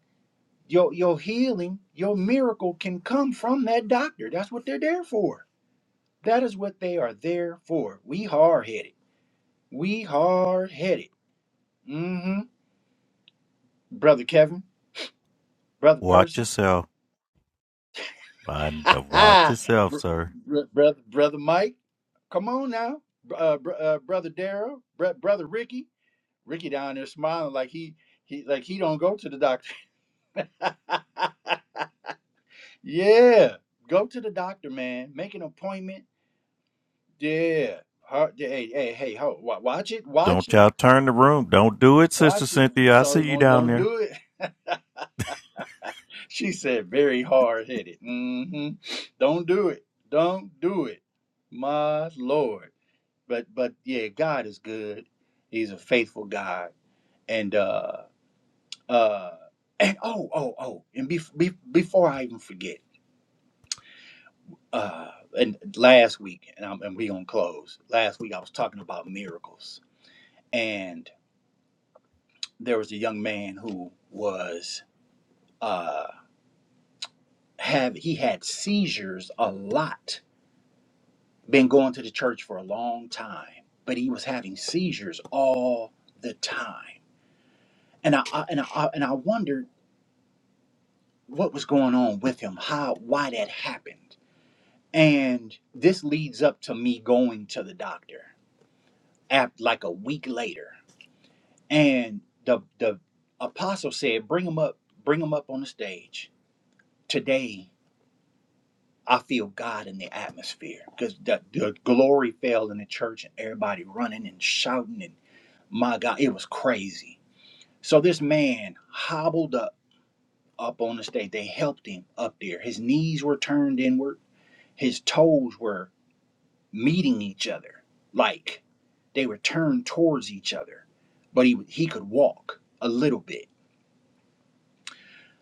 your your healing, your miracle can come from that doctor. That's what they're there for. That is what they are there for. We hard headed. We hard headed. Mm-hmm. Brother Kevin, brother Watch Percy, yourself. <laughs> Mind- uh, Watch ah, yourself, Br- sir. br- brother brother Mike. Come on now, Br- uh, br- uh, brother Daryl, br- brother Ricky. Ricky down there smiling like he he like he don't go to the doctor. <laughs> Yeah, go to the doctor, man. Make an appointment. Yeah, Har- yeah, hey, hey, hey, ho, wa- watch it, watch Don't it, y'all turn the room. Don't do it, Sister watch it. Cynthia. I see Don't, you don't, down don't there. do it. <laughs> She said, very hard headed. Mm-hmm. Don't do it. Don't do it. My Lord. But, but yeah, God is good. He's a faithful God. And uh, uh, and oh, oh, oh, and be, be, before I even forget. uh, and last week, and I'm, and we gonna close. Last week, I was talking about miracles, and there was a young man who was uh, have he had seizures a lot. Been going to the church for a long time, but he was having seizures all the time, and I, I and I and I wondered what was going on with him, how why that happened, and this leads up to me going to the doctor. After, like a week later And the the apostle said, "Bring them up, bring them up on the stage today." I feel God in the atmosphere because the, the glory fell in the church and everybody running and shouting and my God, it was crazy. So this man hobbled up up on the stage. They helped him up there. His knees were turned inward. His toes were meeting each other, like they were turned towards each other. But he he could walk a little bit.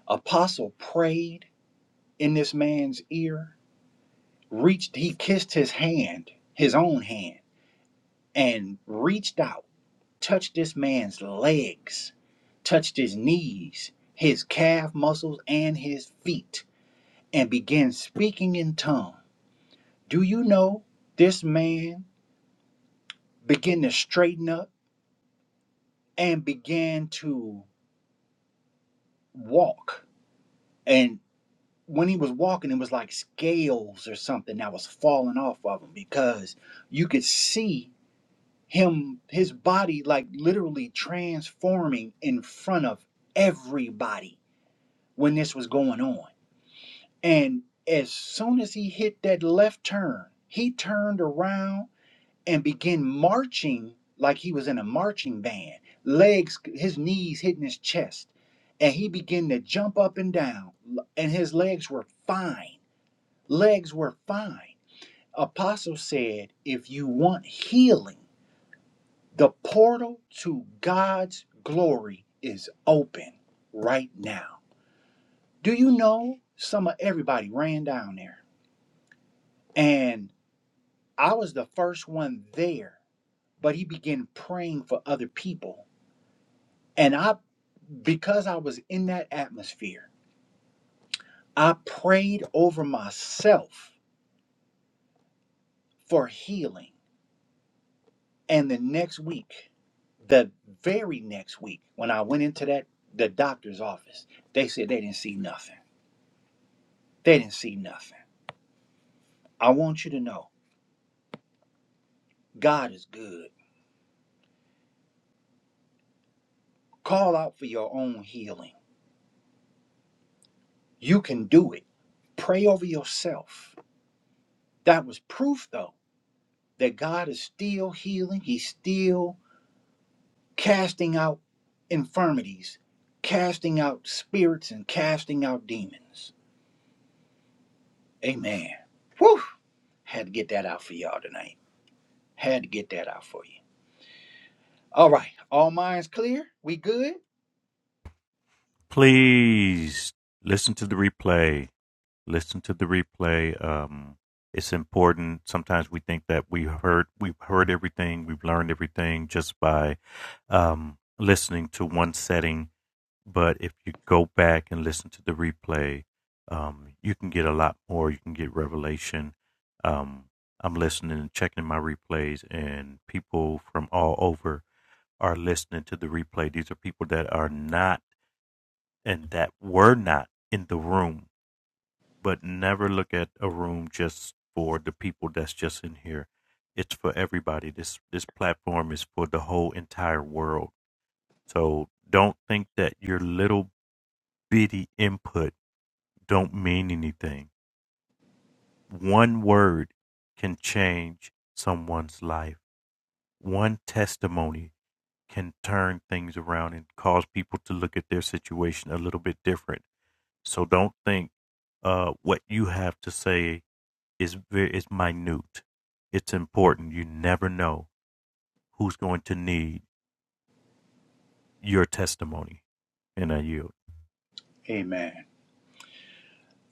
Apostle prayed in this man's ear, reached, he kissed his hand, his own hand, and reached out, touched this man's legs, touched his knees, his calf muscles, and his feet, and began speaking in tongue. Do you know this man began to straighten up and began to walk? And when he was walking, it was like scales or something that was falling off of him because you could see him his body like literally transforming in front of everybody when this was going on and as soon as he hit that left turn he turned around and began marching like he was in a marching band legs his knees hitting his chest and he began to jump up and down l- and his legs were fine legs were fine apostle said if you want healing The portal to God's glory is open right now. Do you know some of everybody ran down there? And I was the first one there, but he began praying for other people. And I, because I was in that atmosphere, I prayed over myself for healing. And the next week, the very next week, when I went into that the doctor's office, they said they didn't see nothing. They didn't see nothing. I want you to know God is good. Call out for your own healing. You can do it. Pray over yourself. That was proof, though, that God is still healing. He's still casting out infirmities, casting out spirits, and casting out demons. Amen. Whew. Had to get that out for y'all tonight. Had to get that out for you. All right. All minds clear? We good? Please listen to the replay listen to the replay. Um, it's important. Sometimes we think that we heard we've heard everything, we've learned everything just by um, listening to one setting. But if you go back and listen to the replay, um, you can get a lot more. You can get revelation. Um, I'm listening and checking my replays, and people from all over are listening to the replay. These are people that are not and that were not in the room but never look at a room just for the people that's just in here. It's for everybody. This this platform is for the whole entire world. So don't think that your little bitty input don't mean anything. One word can change someone's life. One testimony can turn things around and cause people to look at their situation a little bit different. So don't think uh, what you have to say Is very it's minute. It's important. You never know who's going to need your testimony in a yield. Amen.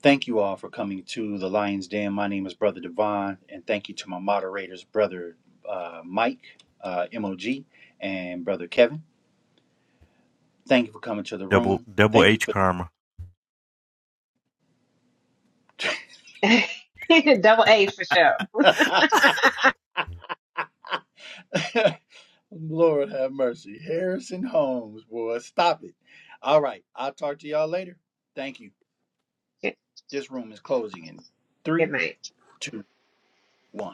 Thank you all for coming to the Lion's Den. My name is Brother Devon, and thank you to my moderators, Brother uh, Mike, uh, MOG, and Brother Kevin. Thank you for coming to the Double room. double Thank you H for. karma. <laughs> Double A for sure. <laughs> Lord have mercy. Harrison Holmes, boy, stop it. All right, I'll talk to y'all later. Thank you. <laughs> This room is closing in Good three, night. two, one.